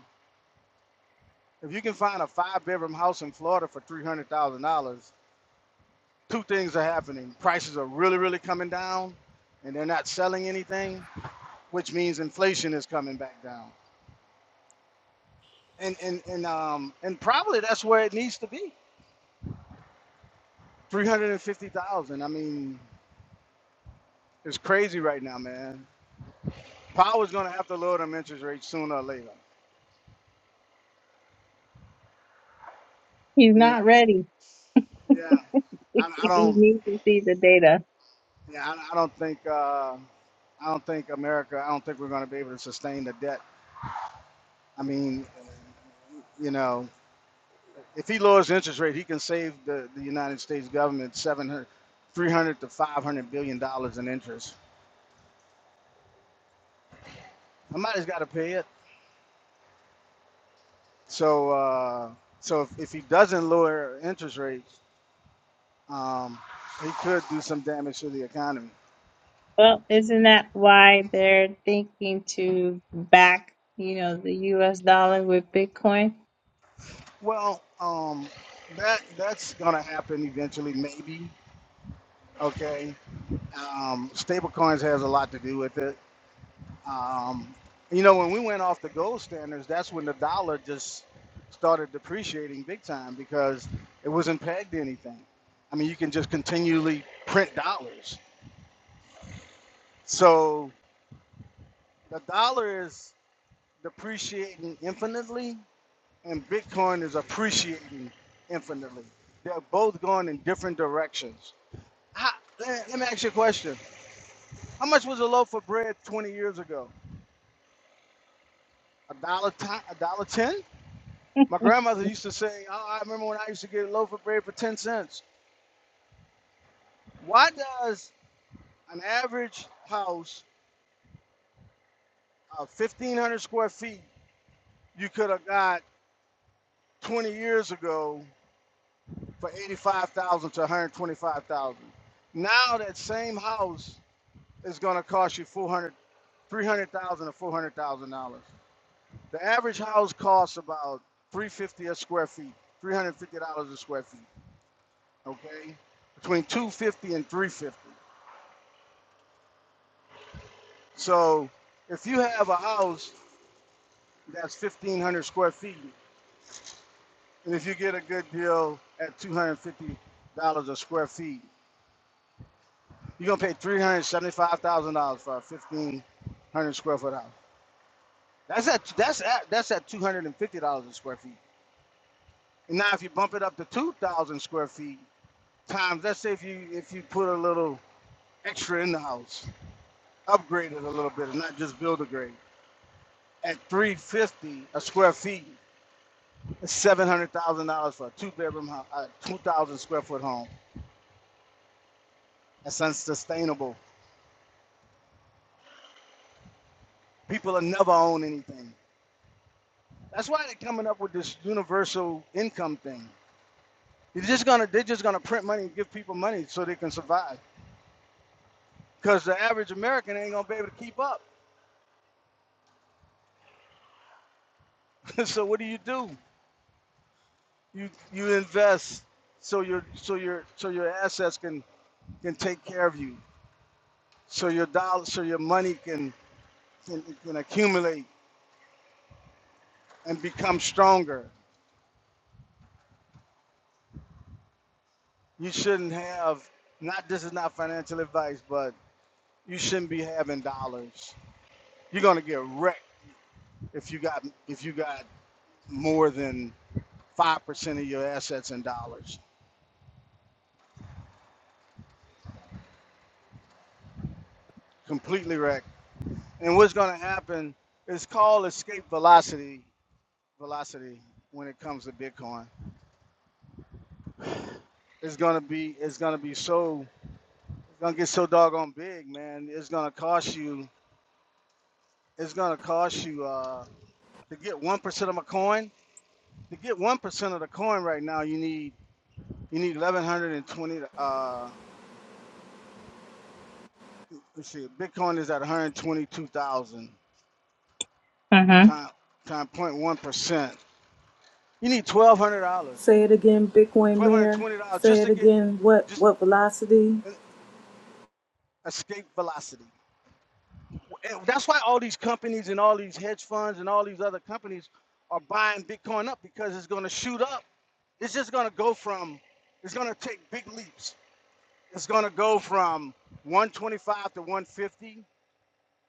if you can find a five bedroom house in Florida for $300,000, two things are happening. Prices are really, really coming down and they're not selling anything, which means inflation is coming back down. and and and um and probably that's where it needs to be. Three hundred and fifty thousand. I mean, it's crazy right now, man. Power's gonna have to lower them interest rates sooner or later. He's I mean, not ready. yeah, I, he I don't, needs to see the data. yeah, I, I don't think, uh, I don't think America. I don't think we're gonna be able to sustain the debt. I mean, you know, if he lowers the interest rate, he can save the, the United States government 700, 300 to five hundred billion dollars in interest. Somebody's got to pay it. So uh, so if, if he doesn't lower interest rates, um, he could do some damage to the economy. Well, isn't that why they're thinking to back, you know, the U.S. dollar with Bitcoin? Well, um, that that's gonna happen eventually, maybe. Okay. Um, stable coins has a lot to do with it. Um, you know, when we went off the gold standards, that's when the dollar just started depreciating big time because it wasn't pegged to anything. I mean, you can just continually print dollars. So the dollar is depreciating infinitely and Bitcoin is appreciating infinitely. They're both going in different directions. How, let let me ask you a question. How much was a loaf of bread 20 years ago? A dollar, ti- a dollar ten? My grandmother used to say, oh, I remember when I used to get a loaf of bread for 10 cents. Why does an average house of 1,500 square feet you could have got 20 years ago for 85,000 to 125,000. Now that same house is going to cost you 400 300,000 to 400,000 dollars. or four hundred thousand dollars. The average house costs about 350 a square feet, 350 dollars a square feet, okay? Between 250 and 350. So, if you have a house that's 1500 square feet and if you get a good deal at 250 dollars a square feet, you're going to pay $375,000 for a 1500 square foot house. That's at that's at that's at two hundred and fifty dollars a square feet. And now if you bump it up to two thousand square feet times, let's say if you if you put a little extra in the house, upgrade it a little bit, and not just build a grade. At three fifty a square feet, it's seven hundred thousand dollars for a two bedroom house, a two thousand square foot home. That's unsustainable. People will never own anything. That's why they're coming up with this universal income thing. They're just gonna they're just gonna print money and give people money so they can survive. because the average American ain't gonna be able to keep up. so what do you do? You you invest so your so your so your assets can can take care of you. So your dollar so your money can can, can accumulate and become stronger. You shouldn't have not this is not financial advice, but you shouldn't be having dollars. You're gonna get wrecked if you got if you got more than five percent of your assets in dollars. Completely wrecked And what's going to happen is called escape velocity. Velocity when it comes to Bitcoin, it's going to be it's going to be so it's going to get so doggone big, man. It's going to cost you. It's going to cost you uh, to get one percent of a coin. To get one percent of the coin right now, you need you need eleven hundred and twenty. Uh, let's see, Bitcoin is at one hundred twenty-two thousand Mm-hmm. time time point one percent. You need twelve hundred dollars, Say it again, Bitcoin twelve hundred Mayor. twenty dollars Say just it to get again. What just. what velocity? And, escape velocity. That's why all these companies and all these hedge funds and all these other companies are buying Bitcoin up because it's going to shoot up. It's just going to go from, it's going to take big leaps. It's going to go from 125 to 150 to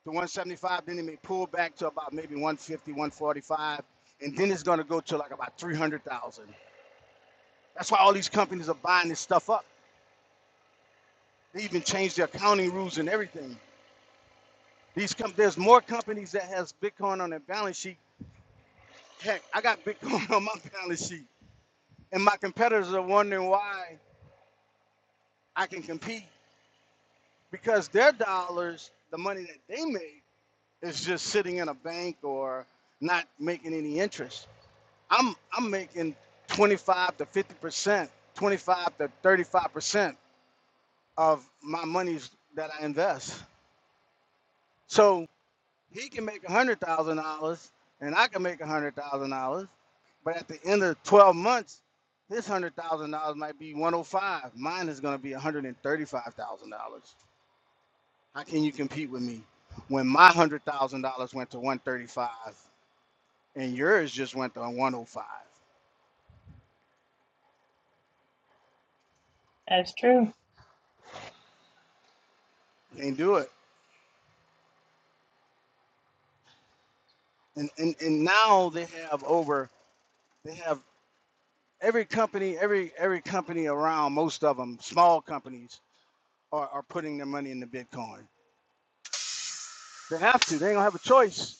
175. Then it may pull back to about maybe 150, 145. And then it's going to go to like about 300,000. That's why all these companies are buying this stuff up. They even changed their accounting rules and everything. These com- there's more companies that has Bitcoin on their balance sheet Heck, I got Bitcoin on my balance sheet, and my competitors are wondering why I can compete because their dollars, the money that they made, is just sitting in a bank or not making any interest. I'm I'm making 25 to 50 percent, 25 to 35 percent of my monies that I invest. So he can make a hundred thousand dollars and I can make a hundred thousand dollars, but at the end of twelve months, his hundred thousand dollars might be one hundred five. Mine is going to be one hundred and thirty-five thousand dollars. How can you compete with me when my hundred thousand dollars went to one thirty-five and yours just went to one hundred five? That's true. Can't do it. And, and and now they have over they have every company every every company around most of them small companies are, are putting their money into Bitcoin They have to. They ain't gonna have a choice.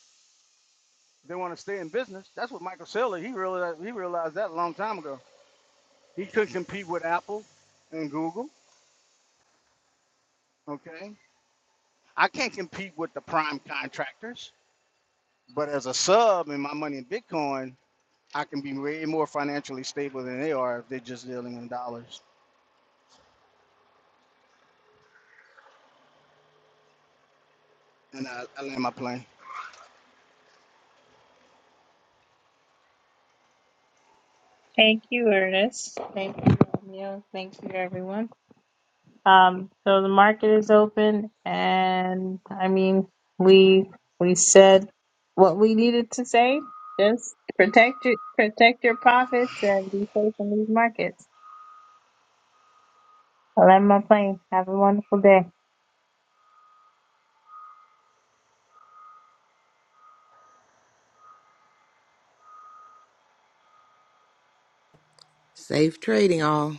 If they want to stay in business. That's what Michael Saylor he realized. He realized that a long time ago. He couldn't compete with Apple and Google. Okay, I can't compete with the prime contractors, but as a sub in my money in Bitcoin, I can be way more financially stable than they are if they're just dealing in dollars. And I, I land my plane. Thank you, Ernest. Thank you, Romeo. Thank you, everyone. Um, so the market is open, and I mean, we we said what we needed to say. Just protect your protect your profits and be safe in these markets. I land my plane. Have a wonderful day. Safe trading, all.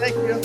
Thank you.